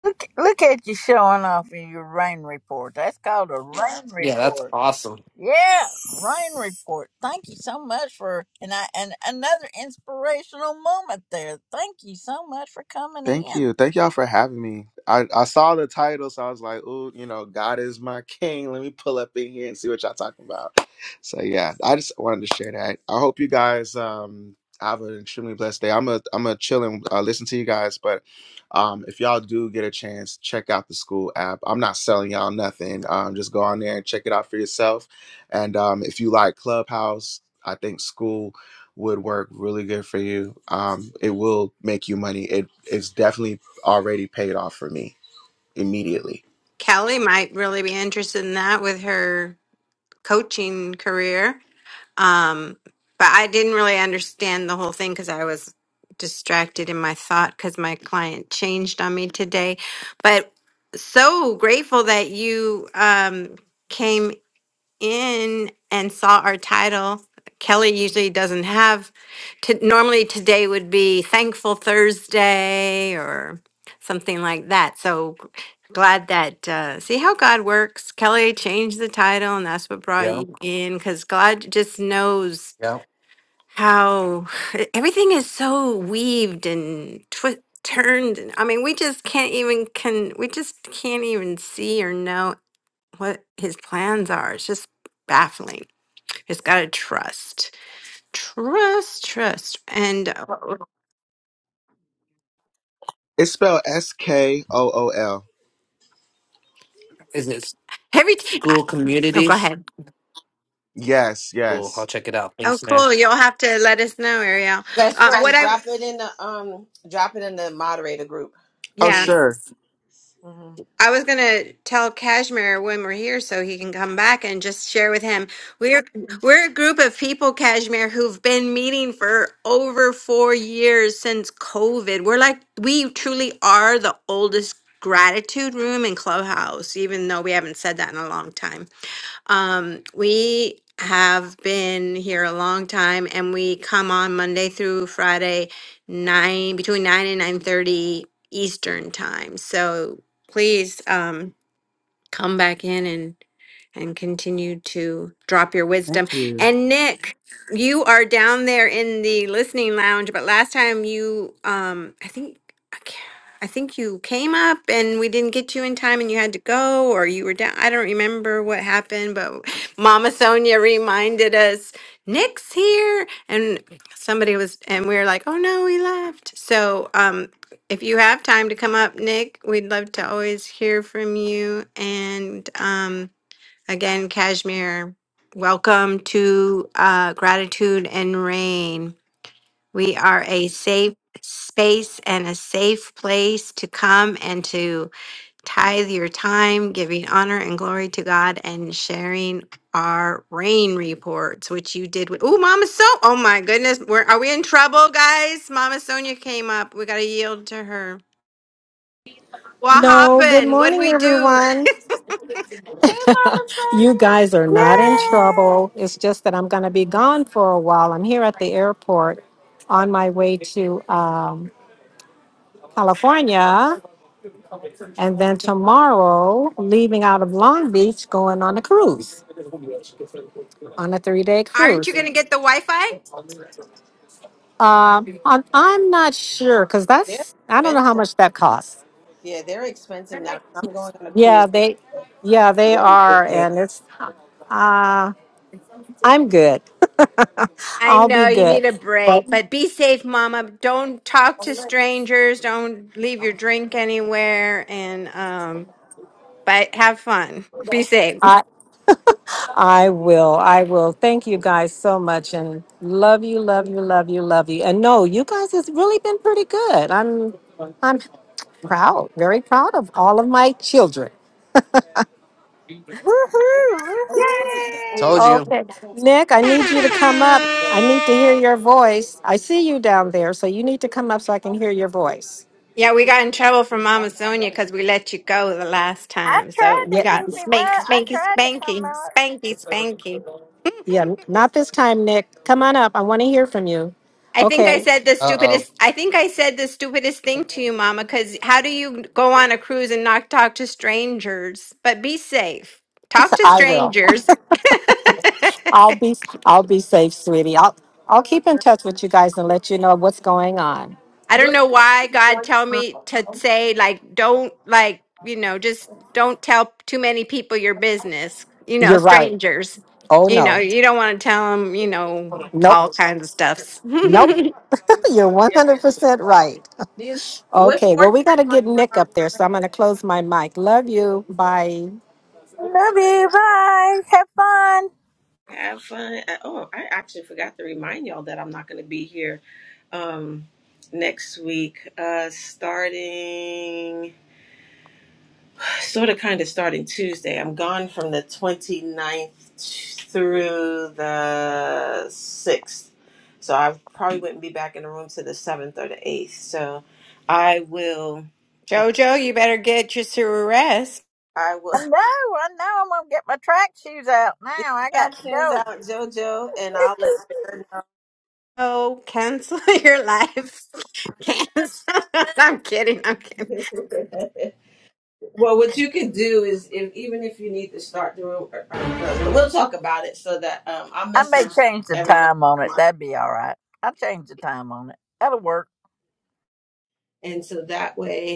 Speaker 5: look, look at you showing off in your rain report. That's called a rain
Speaker 11: Yeah, that's
Speaker 5: report.
Speaker 11: awesome.
Speaker 5: Yeah, rain report. Thank you so much for and I and another inspirational moment there. Thank you so much for coming
Speaker 12: Thank
Speaker 5: in.
Speaker 12: you. Thank y'all for having me. I, I saw the title, so I was like, ooh, you know, God is my king. Let me pull up in here and see what y'all talking about. So yeah, I just wanted to share that. I hope you guys um have an extremely blessed day. I'm a I'm a chill and uh, listen to you guys, but um if y'all do get a chance, check out the school app. I'm not selling y'all nothing. Um just go on there and check it out for yourself. And um if you like Clubhouse, I think school would work really good for you. Um, it will make you money. It it's definitely already paid off for me immediately.
Speaker 2: Kelly might really be interested in that with her coaching career. Um, but I didn't really understand the whole thing because I was distracted in my thought because my client changed on me today. But so grateful that you um, came in and saw our title, Kelly usually doesn't have, to, normally today would be Thankful Thursday or something like that. So glad that, uh, see how God works. Kelly changed the title and that's what brought
Speaker 11: Yeah,
Speaker 2: you in because God just knows
Speaker 11: Yeah.
Speaker 2: how everything is so weaved and twi- turned. and- I mean, we just can't even, can, we just can't even see or know what his plans are. It's just baffling. Just gotta trust, trust, trust, and uh,
Speaker 12: It's spelled S K O O L.
Speaker 11: Is it
Speaker 2: every. T- I-
Speaker 11: school
Speaker 2: oh, go
Speaker 11: communities?
Speaker 2: ahead.
Speaker 12: Yes,
Speaker 11: Cool. I'll
Speaker 12: yes.
Speaker 11: check it out.
Speaker 2: Oh,
Speaker 11: Thanks, man.
Speaker 2: cool. You'll have to let us know, Ariel.
Speaker 1: Best
Speaker 2: Um,
Speaker 1: friend,
Speaker 2: what I
Speaker 1: drop it in the um, drop it in the moderator group,
Speaker 12: Oh
Speaker 2: yeah,
Speaker 1: please.
Speaker 12: sure.
Speaker 1: hmm
Speaker 2: I was gonna tell Kashmir when we're here so he can come back and just share with him. We're we're a group of people, Kashmir, who've been meeting for over four years since COVID. We're like we truly are the oldest gratitude room in Clubhouse, even though we haven't said that in a long time. Um, we have been here a long time and we come on Monday through Friday, nine between nine and nine thirty Eastern time. So please um come back in and and continue to drop your wisdom.
Speaker 12: Thank you.
Speaker 2: And Nick, you are down there in the listening lounge, but last time you um I think I ca- I think you came up and we didn't get you in time and you had to go or you were down. I don't remember what happened, but Mama Sonia reminded us Nick's here and somebody was and we were like, "Oh no, he left." So, um if you have time to come up, Nick, we'd love to always hear from you and um Again, Kashmir, welcome to uh, Gratitude and Rain. We are a safe space and a safe place to come and to tithe your time, giving honor and glory to God, and sharing our rain reports, which you did with. Oh, Mama So. Oh my goodness, we're, are we in trouble, guys? Mama Sonia came up. We got to yield to her. What
Speaker 13: No, good
Speaker 2: happened? What would
Speaker 13: morning,
Speaker 2: we do?
Speaker 13: everyone.
Speaker 1: Mama friend,
Speaker 13: You guys are not in
Speaker 5: Yay!
Speaker 13: trouble. It's just that I'm going to be gone for a while. I'm here at the airport on my way to um, California, and then tomorrow, leaving out of Long Beach, going on a cruise, on a three day
Speaker 2: Aren't you
Speaker 13: cruise.
Speaker 2: going to get the Wi Fi?
Speaker 13: Um, I'm, I'm not sure because
Speaker 1: they're
Speaker 13: that's, I don't know how
Speaker 1: expensive.
Speaker 13: much that costs.
Speaker 1: Yeah, they're expensive now. I'm going on a cruise.
Speaker 13: Yeah, they, yeah, they
Speaker 1: They're
Speaker 13: are.
Speaker 1: ridiculous.
Speaker 13: And it's, uh, I'm good.
Speaker 2: I
Speaker 13: I'll be
Speaker 2: know you
Speaker 13: good.
Speaker 2: need a
Speaker 13: But
Speaker 2: break, but be safe, Mama. Don't talk to strangers. Don't leave your drink anywhere. And um, but have fun. Be safe.
Speaker 13: I, I will. I will. Thank you guys so much and love you, love you, love you, love you. And no, you guys has really been pretty good. I'm I'm proud, very proud of all of my children.
Speaker 5: Woohoo! Woohoo!
Speaker 1: Yay!
Speaker 11: Told you.
Speaker 13: Nick, I need
Speaker 11: Uh
Speaker 13: you to come up. I need to hear your voice. I see you down there, so you need to come up so I can hear your voice.
Speaker 2: Yeah, we got in trouble from Mama Sonia because we let you go the last
Speaker 5: I
Speaker 2: time. So
Speaker 5: tried to
Speaker 2: we
Speaker 13: Yeah,
Speaker 5: keep
Speaker 2: got
Speaker 5: him
Speaker 2: spank,
Speaker 5: up. I
Speaker 2: spanky,
Speaker 5: tried to come
Speaker 2: spanky,
Speaker 5: up.
Speaker 2: spanky, spanky.
Speaker 13: yeah, not this time, Nick. Come on up. I want to hear from you.
Speaker 2: I think I
Speaker 13: Okay,
Speaker 2: said the
Speaker 11: oh.
Speaker 2: stupidest. I think I said the stupidest thing to you, Mama. Because how do you go on a cruise and not talk to strangers? But be safe. Talk to
Speaker 13: I will.
Speaker 2: strangers.
Speaker 13: I'll be I'll be safe, sweetie. I'll I'll keep in touch with you guys and let you know what's going on.
Speaker 2: I
Speaker 1: What
Speaker 2: don't know why God tell me to say like don't like you know just don't tell too many people your business. You know,
Speaker 13: You're right.
Speaker 2: strangers.
Speaker 13: Oh
Speaker 2: You know,
Speaker 13: no.
Speaker 2: you don't want to tell them. You know, all
Speaker 13: Nope.
Speaker 2: kinds of stuffs.
Speaker 13: Nope. You're 100% right.
Speaker 1: what
Speaker 13: Okay. Well,
Speaker 1: ports are
Speaker 13: we got to
Speaker 1: you going
Speaker 13: get Nick up there. So I'm going to close my mic. Love you. Bye.
Speaker 5: Love you. Bye. Have fun.
Speaker 1: to have fun? Uh, Oh, I actually forgot to remind y'all that I'm not going to be here um next week. Uh, starting. sort of kind of starting Tuesday. I'm gone from the twenty ninth through the 6th. So I probably wouldn't be back in the room to the 7th or the 8th. So I will, uh,
Speaker 2: Jojo, you better get your
Speaker 1: I
Speaker 5: I
Speaker 1: will
Speaker 5: know, I know. I'm gonna get my track shoes out
Speaker 1: get
Speaker 5: now. I got to
Speaker 1: captions
Speaker 5: go.
Speaker 1: out, JoJo, and I'll let Bear
Speaker 2: Oh, cancel your life. Cancel. I'm kidding. I'm kidding.
Speaker 1: know. Well, what you could do is, if even if you need to start the room ear- um, early, but we'll talk about it so that um, I'll
Speaker 5: I may
Speaker 1: message
Speaker 5: change the
Speaker 1: everyone,
Speaker 5: time on it. That'd be all right. I'll change the time on it. That'll work.
Speaker 1: and so that way.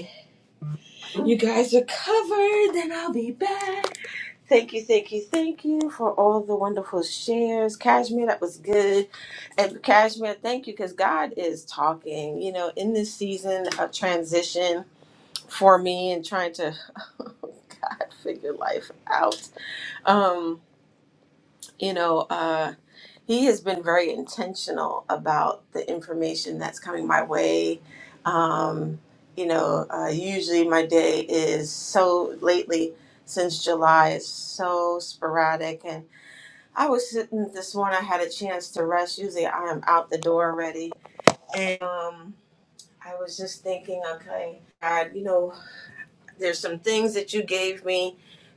Speaker 1: You guys are covered, and I'll be back. Thank you, thank you, thank you for all the wonderful shares. Cashmere, that was good. And Cashmere, thank you, because God is talking. You know, in this season of transition for me and trying to God figure life out. Um, you know, uh he has been very intentional about the information that's coming my way. Um, you know, uh, usually my day is so lately since July is so sporadic, and I was sitting this morning. I had a chance to rest. Usually, I am out the door already, and um, I was just thinking, okay, God, you know, there's some things that you gave me,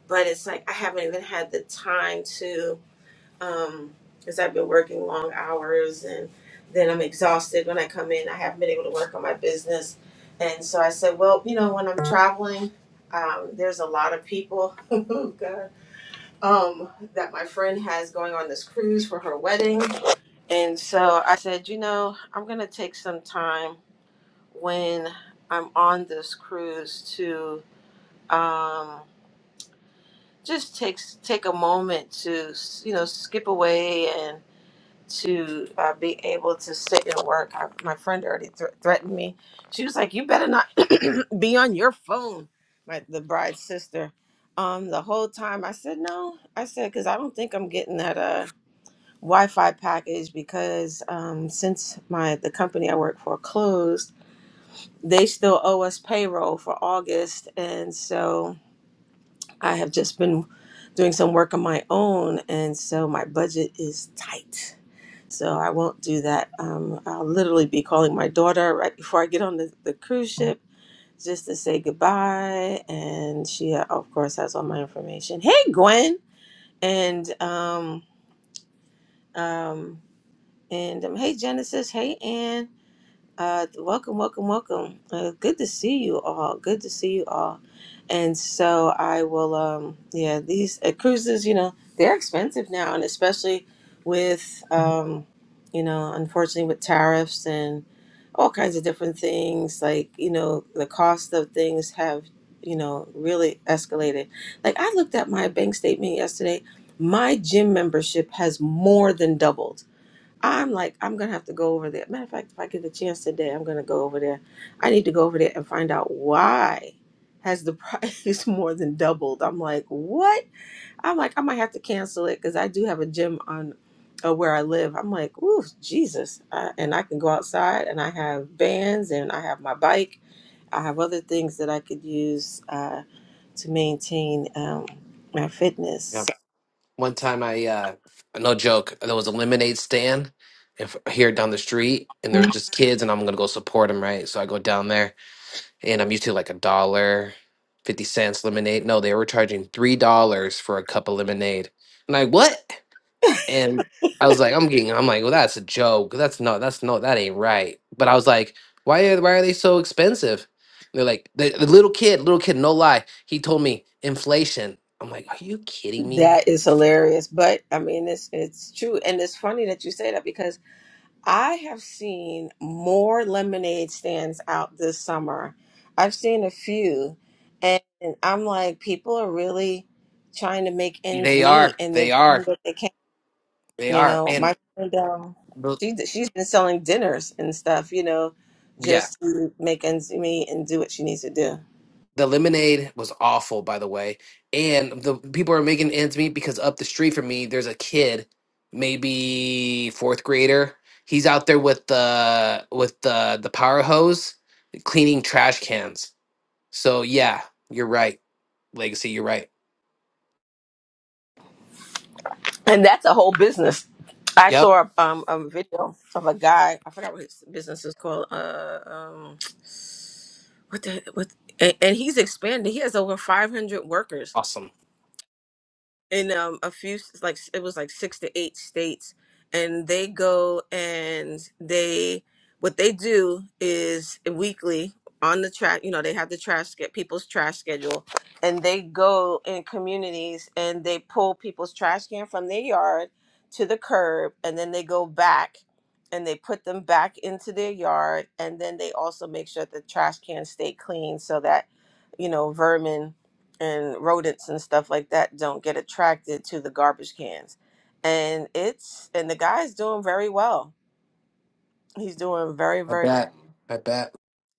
Speaker 1: but it's like I haven't even had the time to um because I've been working long hours and then I'm exhausted when I come in. I haven't been able to work on my business. And so I said, well, you know, when I'm traveling, um, there's a lot of people oh God, um, that my friend has going on this cruise for her wedding. And so I said, you know, I'm going to take some time when I'm on this cruise to um, just take, take a moment to, you know, skip away and. to uh, be able to sit and work. I, my friend already thr threatened me. She was like, "You better not be on your phone." My the bride's sister. Um, the whole time I said no. I said because I don't think I'm getting that uh Wi-Fi package because um since my the company I work for closed, they still owe us payroll for August, and so I have just been doing some work on my own, and so my budget is tight. So I won't do that. Um, I'll literally be calling my daughter right before I get on the, the cruise ship just to say goodbye. And she, uh, of course, has all my information. Hey, Gwen. And, um, um, and um, hey, Genesis. Hey, Ann. Uh, welcome, welcome, welcome. Uh, good to see you all. Good to see you all. And so I will, um, yeah, these uh, cruises, you know, they're expensive now. And especially with, um, you know, unfortunately with tariffs and. all kinds of different things like you know the cost of things have you know really escalated like i looked at my bank statement yesterday my gym membership has more than doubled i'm like i'm gonna have to go over there matter of fact if i get the chance today i'm gonna go over there i need to go over there and find out why has the price more than doubled i'm like what I'm like, I might have to cancel it because I do have a gym on uh, where I live. I'm like, ooh, Jesus. Uh, and I can go outside and I have bands and I have my bike. I have other things that I could use uh, to maintain um, my
Speaker 11: Yeah.
Speaker 1: fitness.
Speaker 11: One time I, uh, no joke, there was a lemonade stand if, here down the street, and there were just kids, and I'm going to go support them, right? So I go down there, and I'm used to like a dollar, 50 cents lemonade. No, they were charging $3 for a cup of lemonade. And I, what? and I was like, I'm getting, I'm like, well, that's a joke. That's not. that's no, that ain't right. But I was like, why are why are they so expensive? And they're like, the, the little kid, little kid, no lie, he told me inflation. I'm like, are you kidding me?
Speaker 1: That is hilarious. But I mean, it's, it's true. And it's funny that you say that because I have seen more lemonade stands out this summer. I've seen a few, and I'm like, people are really trying to make ends
Speaker 11: They are,
Speaker 1: meet, and they're
Speaker 11: they
Speaker 1: doing
Speaker 11: are,
Speaker 1: what they can.
Speaker 11: they
Speaker 1: You
Speaker 11: are,
Speaker 1: know,
Speaker 11: and
Speaker 1: my friend, um,
Speaker 11: the-
Speaker 1: she she's been selling dinners and stuff. You know,
Speaker 11: yeah.
Speaker 1: just to make ends meet and do what she needs to do,
Speaker 11: The lemonade was awful, by the way. And the people are making ends meet because up the street from me, there's a kid, maybe fourth grader. He's out there with the with the the power hose, cleaning trash cans. So yeah, you're right, Legacy. You're right.
Speaker 1: and that's a whole business. I
Speaker 11: Yep.
Speaker 1: saw um, a video of a guy. I forgot what his business is called. Uh, um, what the what and, and he's expanded he has over 500 workers
Speaker 11: Awesome.
Speaker 1: in um, a few like it was like six to eight states and they go and they what they do is weekly on the track you know they have the trash get people's trash schedule and they go in communities and they pull people's trash can from their yard to the curb and then they go back and they put them back into their yard and then they also make sure the trash cans stay clean so that you know vermin and rodents and stuff like that don't get attracted to the garbage cans. And it's and the guy's doing very well. He's doing very very well.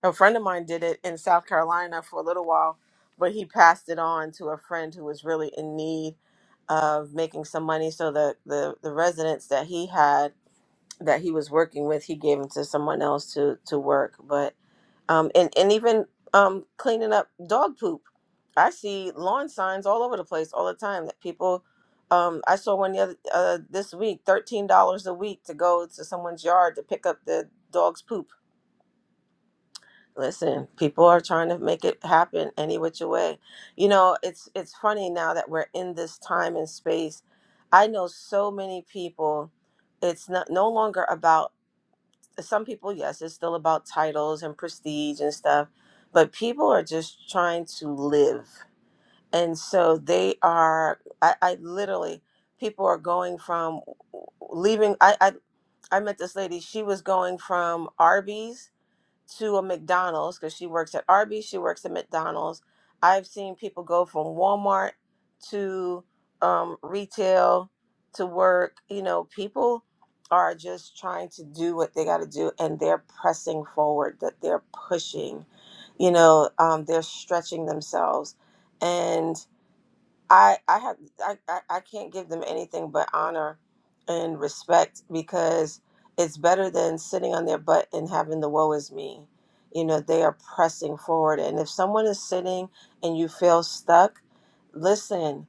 Speaker 1: A friend of mine did it in South Carolina for a little while, but he passed it on to a friend who was really in need of making some money so the the the residents that he had that he was working with, he gave them to someone else to to work, but um, and and even um, cleaning up dog poop. I see lawn signs all over the place all the time that people. Um, I saw one the other uh, this week, thirteen dollars a week to go to someone's yard to pick up the dog's poop. Listen, people are trying to make it happen any which way. You know, it's it's funny now that we're in this time and space. I know so many people. It's not no longer about some people, yes, it's still about titles and prestige and stuff, but people are just trying to live. And so they are, I, I literally, people are going from leaving. I, I, I met this lady, she was going from Arby's to a McDonald's because she works at Arby's, she works at McDonald's. I've seen people go from Walmart to um, retail to work. You know, people are just trying to do what they got to do and they're pressing forward, that they're pushing, you know, um, they're stretching themselves. and. I I have I, I I can't give them anything but honor and respect because it's better than sitting on their butt and having the woe is me. You know, they are pressing forward. And if someone is sitting and you feel stuck, listen.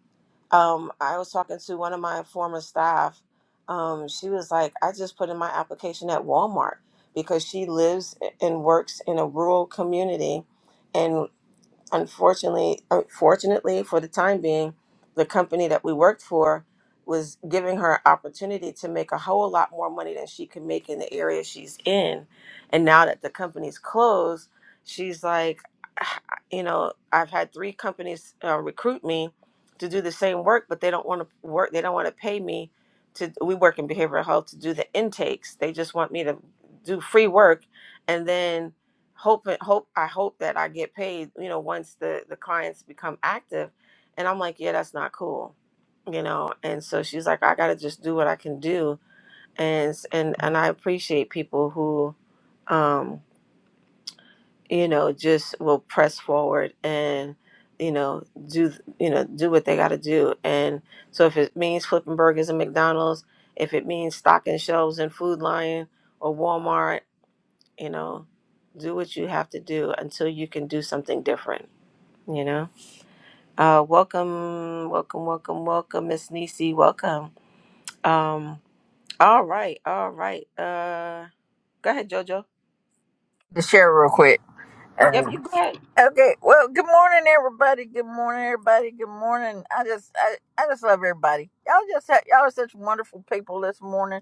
Speaker 1: Um, I was talking to one of my former staff. Um, she was like, I just put in my application at Walmart because she lives and works in a rural community and unfortunately, unfortunately for the time being, the company that we worked for was giving her opportunity to make a whole lot more money than she could make in the area she's in. And now that the company's closed, she's like, "Ah, you know, I've had three companies uh, recruit me to do the same work, but they don't want to work. They don't want to pay me to. We work in behavioral health to do the intakes. They just want me to do free work, and then hope hope I hope that I get paid, you know, once the the clients become active. And I'm like, yeah, that's not cool, you know. And so she's like, I gotta just do what I can do. And s- and and I appreciate people who, um, you know, just will press forward and you know do th- you know do what they gotta do. And so if it means flipping burgers and McDonald's, if it means stocking shelves in Food Lion or Walmart you know do what you have to do until you can do something different you know uh welcome welcome welcome welcome miss nisi welcome um all right all right uh go ahead jojo
Speaker 5: To share real quick. Uh,
Speaker 1: yep you go ahead
Speaker 5: okay. Well, good morning, everybody. Good morning, everybody. Good morning. I just, I, I just love everybody. Y'all just, ha- y'all are such wonderful people this morning.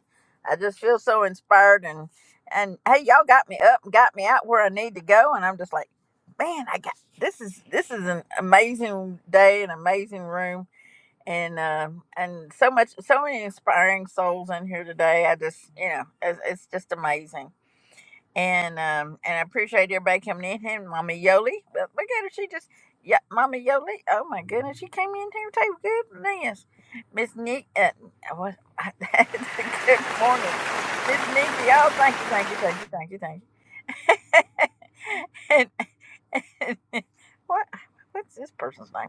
Speaker 5: I just feel so inspired and, and hey, y'all got me up and got me out where I need to go, and I'm just like, man, I got this is this is an amazing day, an amazing room and um and so much so many inspiring souls in here today i just you know it's, it's just amazing and um and i appreciate everybody coming in here And mama yoli but look at her she just yeah mama yoli oh my goodness she came in here too goodness miss nick uh, what good morning miss Niecy. oh thank you thank you thank you thank you thank you and, and what what's this person's name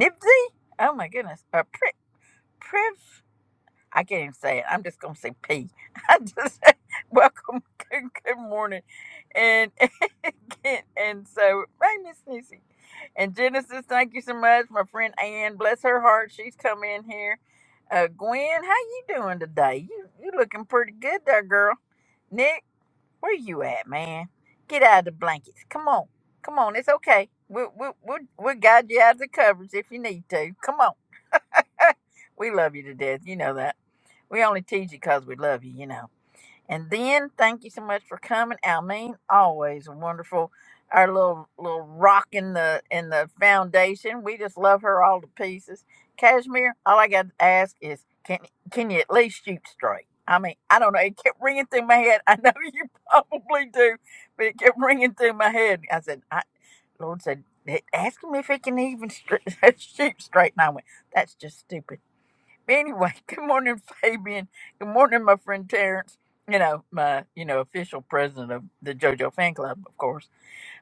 Speaker 5: nibsy oh my goodness a prick I can't even say it. I'm just gonna say P. I just welcome, good, good morning, and and, and so hey, Miss Nisi, and Genesis. Thank you so much, my friend Ann. Bless her heart, she's come in here. Uh, Gwen, how you doing today? You you looking pretty good there, girl. Nick, where you at, man? Get out of the blankets. Come on, come on. It's okay. We'll we'll we'll, we'll guide you out of the covers if you need to. Come on. we love you to death. You know that. We only tease you 'cause we love you, you know. And then thank you so much for coming, Almeen. Always wonderful. Our little little rock in the in the foundation. We just love her all to pieces. Cashmere, all I got to ask is, can can you at least shoot straight? I mean, I don't know. It kept ringing through my head. I know you probably do, but it kept ringing through my head. I said, I, Lord said, "Hey, ask him if he can even stri- shoot straight. And I went, that's just stupid. Anyway, good morning, Fabian. Good morning, my friend Terrence. You know, my, you know, official president of the JoJo fan club, of course.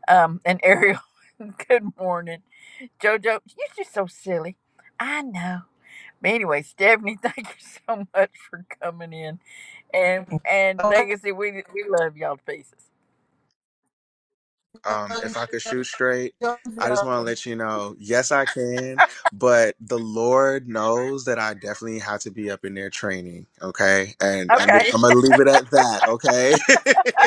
Speaker 5: Um, and Ariel, good morning. JoJo, you're just so silly. I know. But anyway, Stephanie, thank you so much for coming in. And and
Speaker 1: Oh,
Speaker 5: Legacy, we we love y'all to pieces.
Speaker 12: Um, if I could shoot straight, I just want to let you know. Yes, I can, but the Lord knows that I definitely have to be up in there training. Okay, and I'm
Speaker 5: Okay.
Speaker 12: I'm gonna leave it at that. Okay.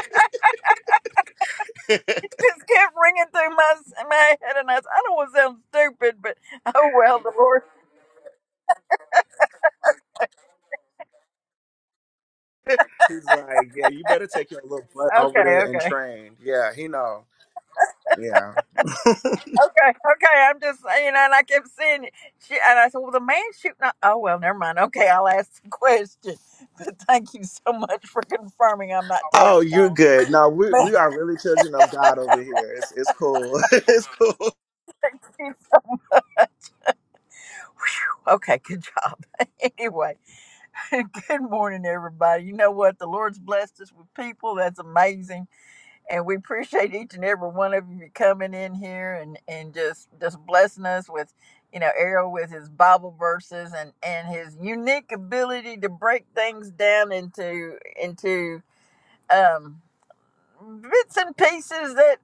Speaker 5: It just kept ringing through my my head, and I, I don't want to sound stupid, but oh well, the Lord.
Speaker 12: He's like, yeah, you better take your little butt over
Speaker 5: Okay,
Speaker 12: there and
Speaker 5: okay.
Speaker 12: train. Yeah, he know. Yeah.
Speaker 5: Okay, okay. I'm just, uh, you know, and I kept seeing it. She, and I said, well, the man shooting. up- Oh, well, never mind. Okay, I'll ask the question. But thank you so much for confirming I'm not
Speaker 12: Oh,
Speaker 5: totally
Speaker 12: you're
Speaker 5: gone.
Speaker 12: good. No, we we
Speaker 5: But
Speaker 12: are really children of God over here. It's it's cool. it's cool.
Speaker 5: thank you so- Whew, okay, good job. Anyway, good morning, everybody. You know what? The Lord's blessed us with people. That's amazing. and we appreciate each and every one of you coming in here and and just just blessing us with you know Errol with his Bible verses and and his unique ability to break things down into into um bits and pieces that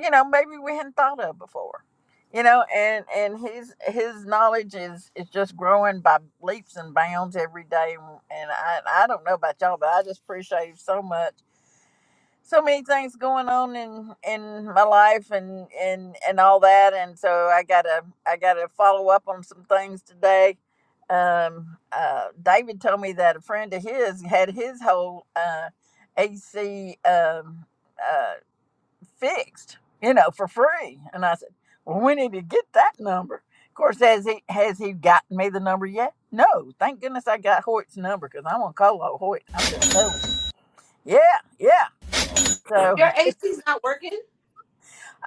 Speaker 5: you know maybe we hadn't thought of before you know and and his his knowledge is is just growing by leaps and bounds every day and i i don't know about y'all but i just appreciate him so much so many things going on in in my life and and and all that and so i gotta i gotta follow up on some things today um uh david told me that a friend of his had his whole uh ac um uh fixed you know for free and i said well we need to get that number of course has he has he gotten me the number yet no thank goodness i got hoyt's number because i'm gonna call old hoyt i'm just telling you yeah yeah so
Speaker 1: your AC's not working?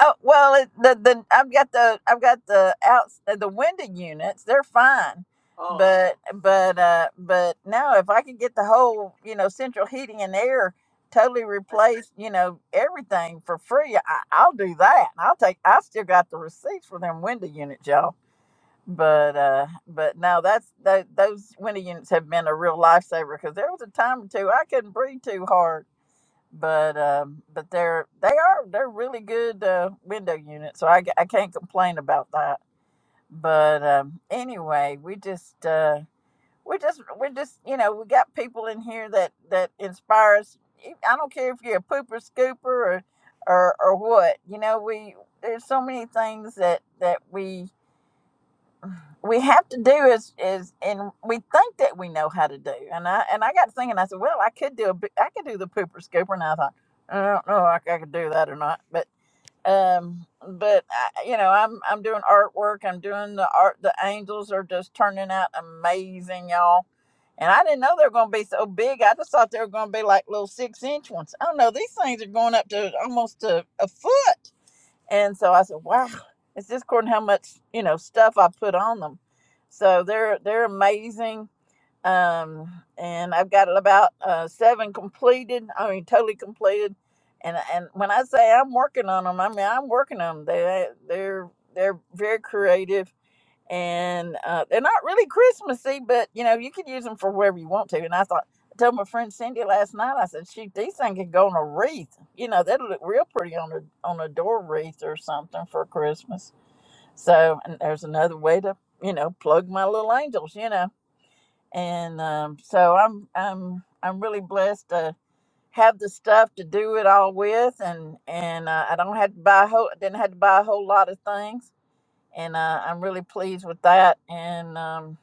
Speaker 5: Oh well, it, the the I've got the I've got the outs uh, the winded units. They're fine,
Speaker 1: Oh,
Speaker 5: but but uh but now if I could get the whole you know central heating and air totally replaced, you know everything for free, I, I'll do that. I'll take. I still got the receipts for them window units, y'all. But uh but no, that's tho- those window units have been a real lifesaver because there was a time or two I couldn't breathe too hard but um, but they're they are they're really good uh, window units, so I, I can't complain about that. But um, anyway, we just uh, we just we just you know we got people in here that that inspire us. E, I don't care if you're a pooper scooper or or or what you know we there's so many things that that we we have to do is is and we think that we know how to do and i and i got to thinking i said well i could do a bi- i could do the pooper scooper and i thought i don't know if i I could do that or not but um but I, you know i'm i'm doing artwork i'm doing the art the angels are just turning out amazing y'all and i didn't know they were going to be so big i just thought they were going to be like little six inch ones oh no these things are going up to almost a, a foot and so I said, wow, it's just according how much, you know, stuff I put on them. So they're they're amazing. Um, and I've got about uh, seven completed. I mean, totally completed. And and when I say I'm working on them, I mean I'm working on them. They they're they're very creative and uh, they're not really Christmassy, but you know you can use them for wherever you want to. And I thought, I told my friend Cindy last night, I said, shoot, these things can go on a wreath. You know, that'll look real pretty on a on a door wreath or something for Christmas. So and there's another way to you know plug my little angels, you know. And um, so I'm I'm I'm really blessed to have the stuff to do it all with, and and uh, I don't have to buy a whole didn't have to buy a whole lot of things and uh, I'm really pleased with that. And um,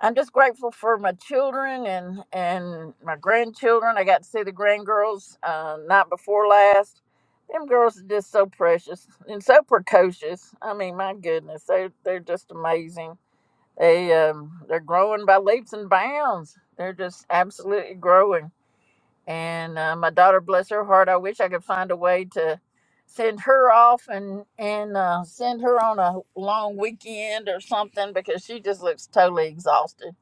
Speaker 5: I'm just grateful for my children and and my grandchildren. I got to see the grandgirls uh, night before last. Them girls are just so precious and so precocious. I mean, my goodness, they're they're just amazing. They um, they're growing by leaps and bounds. They're just absolutely growing and uh, my daughter bless her heart i wish i could find a way to send her off and and uh, send her on a long weekend or something because she just looks totally exhausted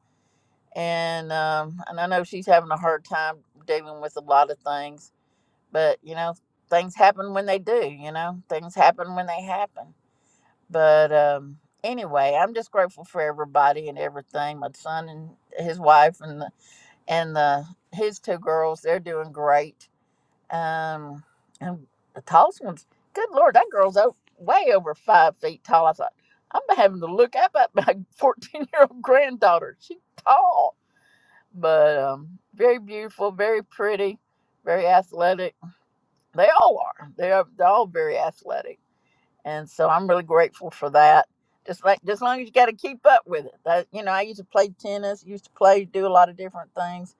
Speaker 5: and um, and i know she's having a hard time dealing with a lot of things but you know things happen when they do you know things happen when they happen but um anyway i'm just grateful for everybody and everything my son and his wife and the and the his two girls they're doing great um, and the tallest one's, good lord, that girl's o- way over five feet tall. I thought, I'm having to look up at my 14 year old granddaughter. She's tall, but um, very beautiful, very pretty, very athletic. They all are. They are. They're all very athletic, and so I'm really grateful for that. Just like, just long as you got to keep up with it. That, you know, I used to play tennis, used to play, do a lot of different things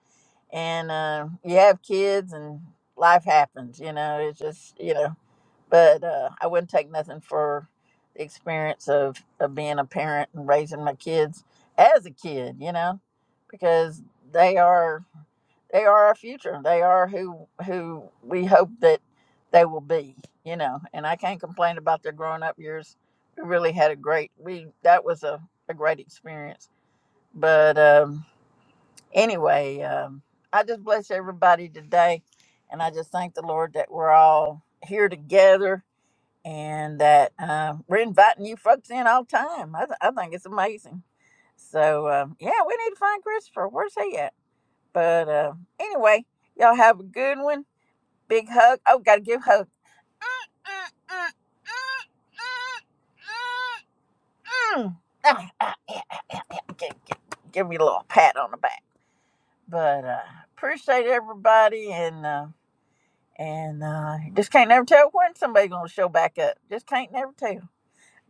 Speaker 5: and uh, you have kids and life happens you know it's just you know but uh, i wouldn't take nothing for the experience of, of being a parent and raising my kids as a kid you know because they are they are our future they are who who we hope that they will be you know and i can't complain about their growing up years we really had a great we that was a, a great experience but um, anyway, um, I just bless everybody today, and I just thank the Lord that we're all here together and that um, we're inviting you folks in all the time. I, th- I think it's amazing. So um, yeah, we need to find Christopher. Where's he at? But uh, anyway, y'all have a good one. Big hug. Oh, gotta give hug. Mm, mm, mm, mm. Ah, ah, yeah, ah, yeah, yeah. Give give, give me a little pat on the back. But uh, appreciate everybody and. Uh, and uh, just can't never tell when somebody's gonna show back up. Just can't never tell.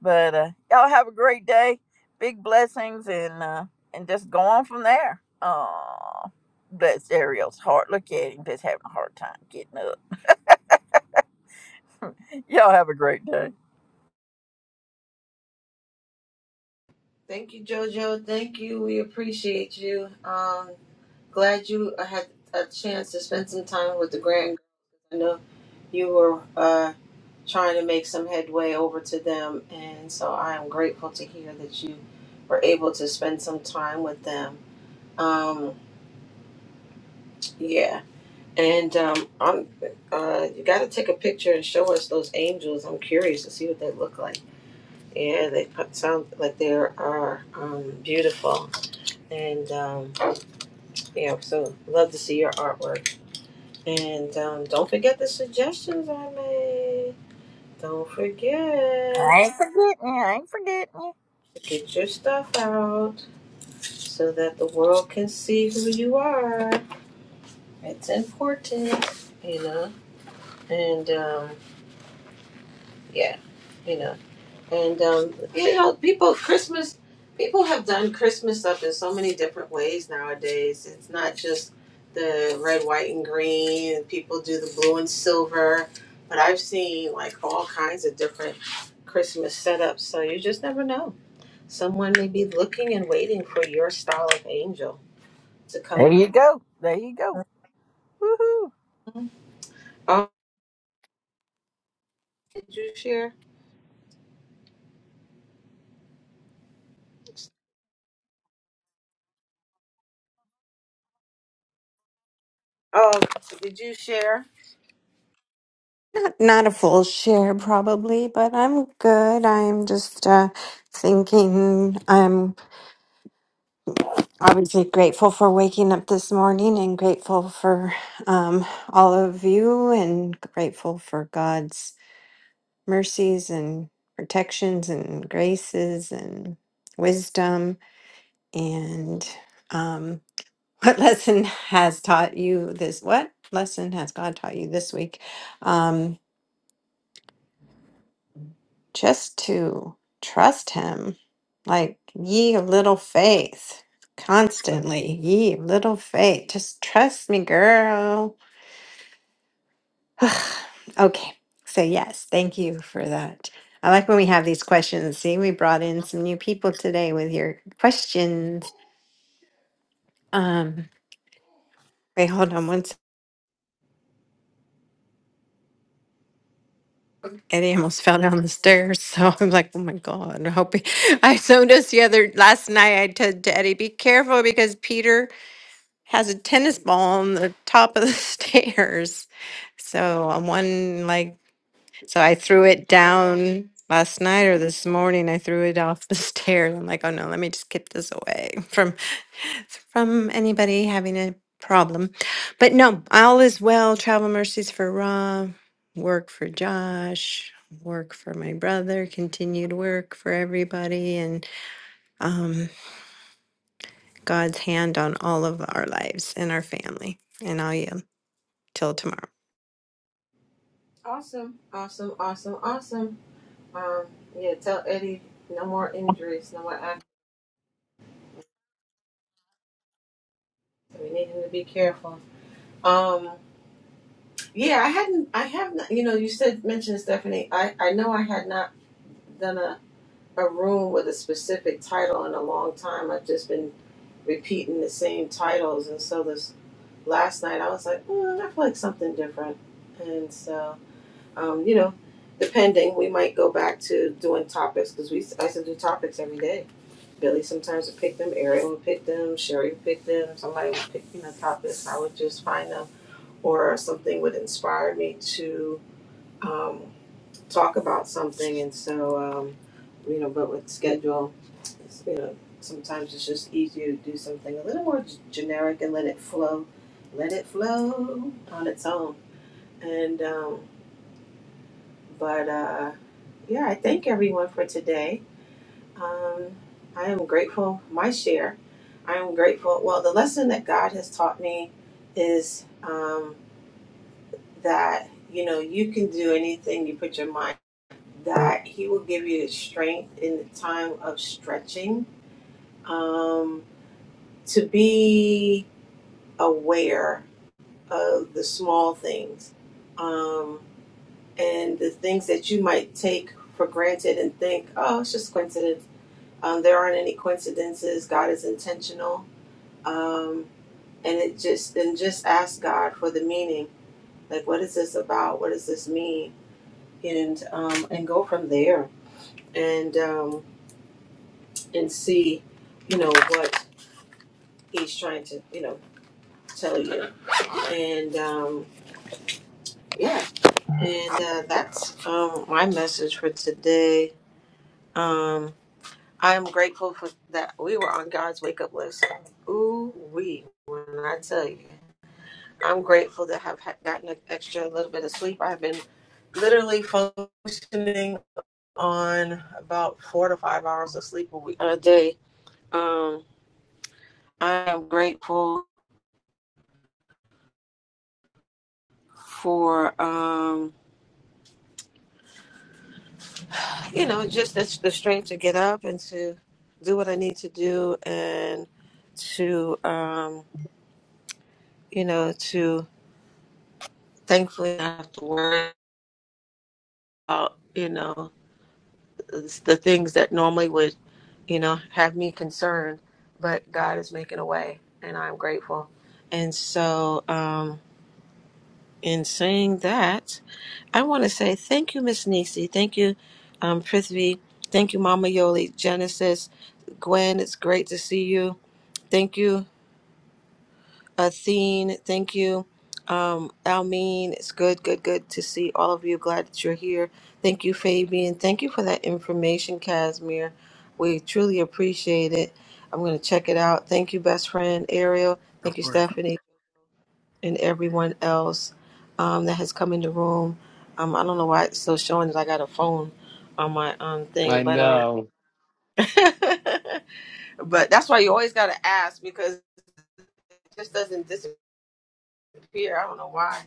Speaker 5: But uh, y'all have a great day, big blessings, and uh, and just go on from there. Oh, bless Ariel's heart. Look at him, just having a hard time getting up. Y'all have a great day.
Speaker 1: thank you, JoJo. Thank you. We appreciate you. Um, glad you had a chance to spend some time with the grandkids. I know you were uh, trying to make some headway over to them, and so I am grateful to hear that you were able to spend some time with them. Um, yeah, and um, I'm. Uh, you got to take a picture and show us those angels. I'm curious to see what they look like. Yeah, they sound like they are um, beautiful, and um, yeah, so love to see your artwork. And um, don't forget the suggestions I made. Don't forget.
Speaker 5: I ain't forgetting you. I ain't forgetting you.
Speaker 1: Get your stuff out so that the world can see who you are. It's important, you know. And um, yeah, you know. And um, you know, people Christmas people have done Christmas up in so many different ways nowadays. It's not just the red, white, and green. and People do the blue and silver, but I've seen like all kinds of different Christmas setups. So you just never know. Someone may be looking and waiting for your style of angel to come.
Speaker 5: There you go. There you go. Woohoo!
Speaker 1: down. Oh, did you share? Oh, did you share?
Speaker 2: Not, not a full share, probably, but I'm good. I'm just uh, thinking. I'm obviously grateful for waking up this morning and grateful for um, all of you and grateful for God's mercies and protections and graces and wisdom. And um, What lesson has taught you this? What lesson has God taught you this week? Um, just to trust Him, like ye of little faith, constantly, ye of little faith. Just trust me, girl. okay, so yes, thank you for that. I like when we have these questions. See, we brought in some new people today with your questions. Um, wait, hold on one second. Eddie almost fell down the stairs. So I'm like, oh my God. I hope he, I told us the other last night. I told to Eddie, be careful because Peter has a tennis ball on the top of the stairs. So on one leg so I threw it down last night or this morning. I threw it off the stairs. I'm like, oh no, let me just keep this away from from anybody having a problem. But no, all is well. Travel mercies for Ra, work for Josh, work for my brother, continued work for everybody, and um, God's hand on all of our lives and our family. And I'll yield till tomorrow.
Speaker 1: Awesome, awesome, awesome, awesome. Um, yeah, tell Eddie no more injuries, no more accidents. We need him to be careful. Um, yeah, I hadn't, I have not. You know, you said mentioned Stephanie. I, I know I had not done a a room with a specific title in a long time. I've just been repeating the same titles, and so this last night I was like, mm, I feel like something different, and so. Um, you know, depending, we might go back to doing topics because we I used to do topics every day. Billy sometimes would pick them, Ariel would pick them, Sherry would pick them. Somebody would pick you know topics. I would just find them, or something would inspire me to um, talk about something. And so, um, you know, but with schedule, you know, sometimes it's just easier to do something a little more g- generic and let it flow, let it flow on its own. And um, But uh, yeah, I thank everyone for today. Um, I am grateful for my share. I am grateful. Well, the lesson that God has taught me is um, that you know you can do anything you put your mind. That He will give you the strength in the time of stretching um, to be aware of the small things um, and the things that you might take for granted and think, oh, it's just coincidence Um, there aren't any coincidences. God is intentional. Um, and it just and just ask God for the meaning. Like, what is this about? What does this mean? And um, and go from there and um, and see, you know, what He's trying to you know tell you. And um, yeah, and uh, that's um, my message for today. Um, I'm grateful for that we were on God's wake up list. Ooh wee, when I tell you. I'm grateful to have ha- gotten an extra little bit of sleep. I've been literally functioning on about four to five hours of sleep a week a day. Um, I am grateful for um, you know just the, the strength to get up and to do what I need to do and to um, you know to thankfully not have to worry about you know. the things that normally would, you know, have me concerned, but God is making a way, and I'm grateful. And so, um, in saying that, I want to say thank you, Miss Nisi. Thank you, um, Prithvi. Thank you, Mama Yoli, Genesis, Gwen. It's great to see you. Thank you. Athene, thank you. Um, Almeen, it's good, good, good to see all of you. Glad that you're here. Thank you, Fabian. Thank you for that information, Casimir. We truly appreciate it. I'm going to check it out. Thank you, best friend Ariel. Thank
Speaker 12: Of
Speaker 1: you,
Speaker 12: course.
Speaker 1: Stephanie, and everyone else um, that has come in the room. Um, I don't know why it's still showing that I got a phone on my um
Speaker 11: I
Speaker 1: thing, but um,
Speaker 11: know.
Speaker 1: but that's why you always got to ask because it just doesn't disappear Here, I don't know why.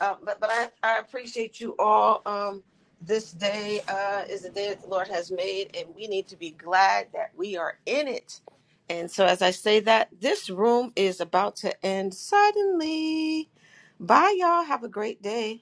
Speaker 1: Uh, but but I, I appreciate you all. Um, this day uh, is the day that the Lord has made, and we need to be glad that we are in it. And so, as I say that, this room is about to end suddenly. Bye, y'all. Have a great day.